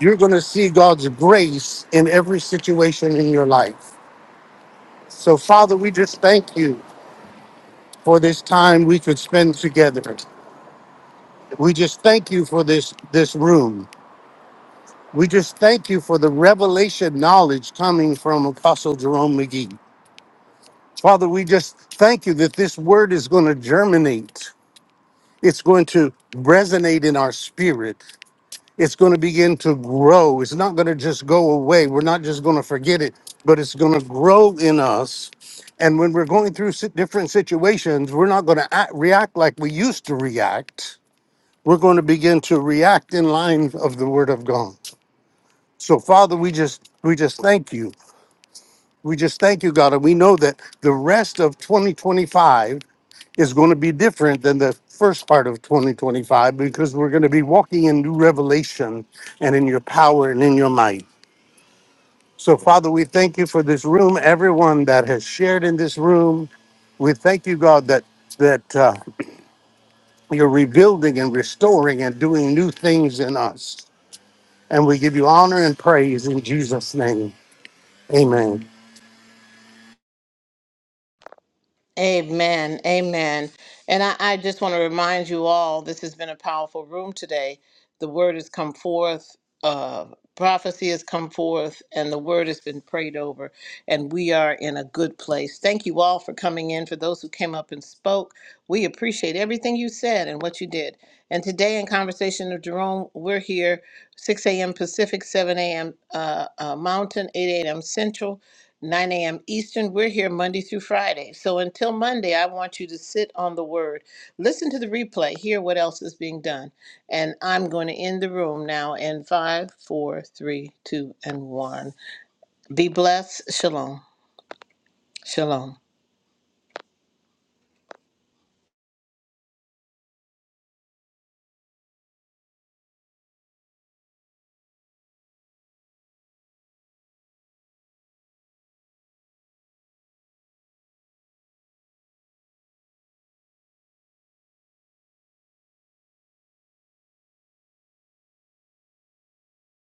F: you're going to see God's grace in every situation in your life. So, Father, we just thank you for this time we could spend together. We just thank you for this this room. We just thank you for the revelation knowledge coming from Apostle Jerome McGee. Father, we just thank you that this word is going to germinate. It's going to resonate in our spirit. it's going to begin to grow. It's not going to just go away. We're not just going to forget it, but it's going to grow in us. And when we're going through si- different situations, we're not going to act, react like we used to react. We're going to begin to react in line of the Word of God. So, Father, we just we just thank you. We just thank you, God, and we know that the rest of 2025 is going to be different than the first part of 2025 because we're going to be walking in new revelation and in your power and in your might. So, Father, we thank you for this room, everyone that has shared in this room. We thank you, God, that that uh, you're rebuilding and restoring and doing new things in us. And we give you honor and praise in Jesus' name. Amen.
D: Amen. Amen. And I, I just want to remind you all this has been a powerful room today. The word has come forth, uh, prophecy has come forth, and the word has been prayed over. And we are in a good place. Thank you all for coming in. For those who came up and spoke, we appreciate everything you said and what you did. And today, in Conversation of Jerome, we're here 6 a.m. Pacific, 7 a.m. Uh, uh, Mountain, 8 a.m. Central. 9 a.m. Eastern. We're here Monday through Friday. So until Monday, I want you to sit on the word, listen to the replay, hear what else is being done. And I'm going to end the room now in five, four, three, two, and 1. Be blessed. Shalom. Shalom.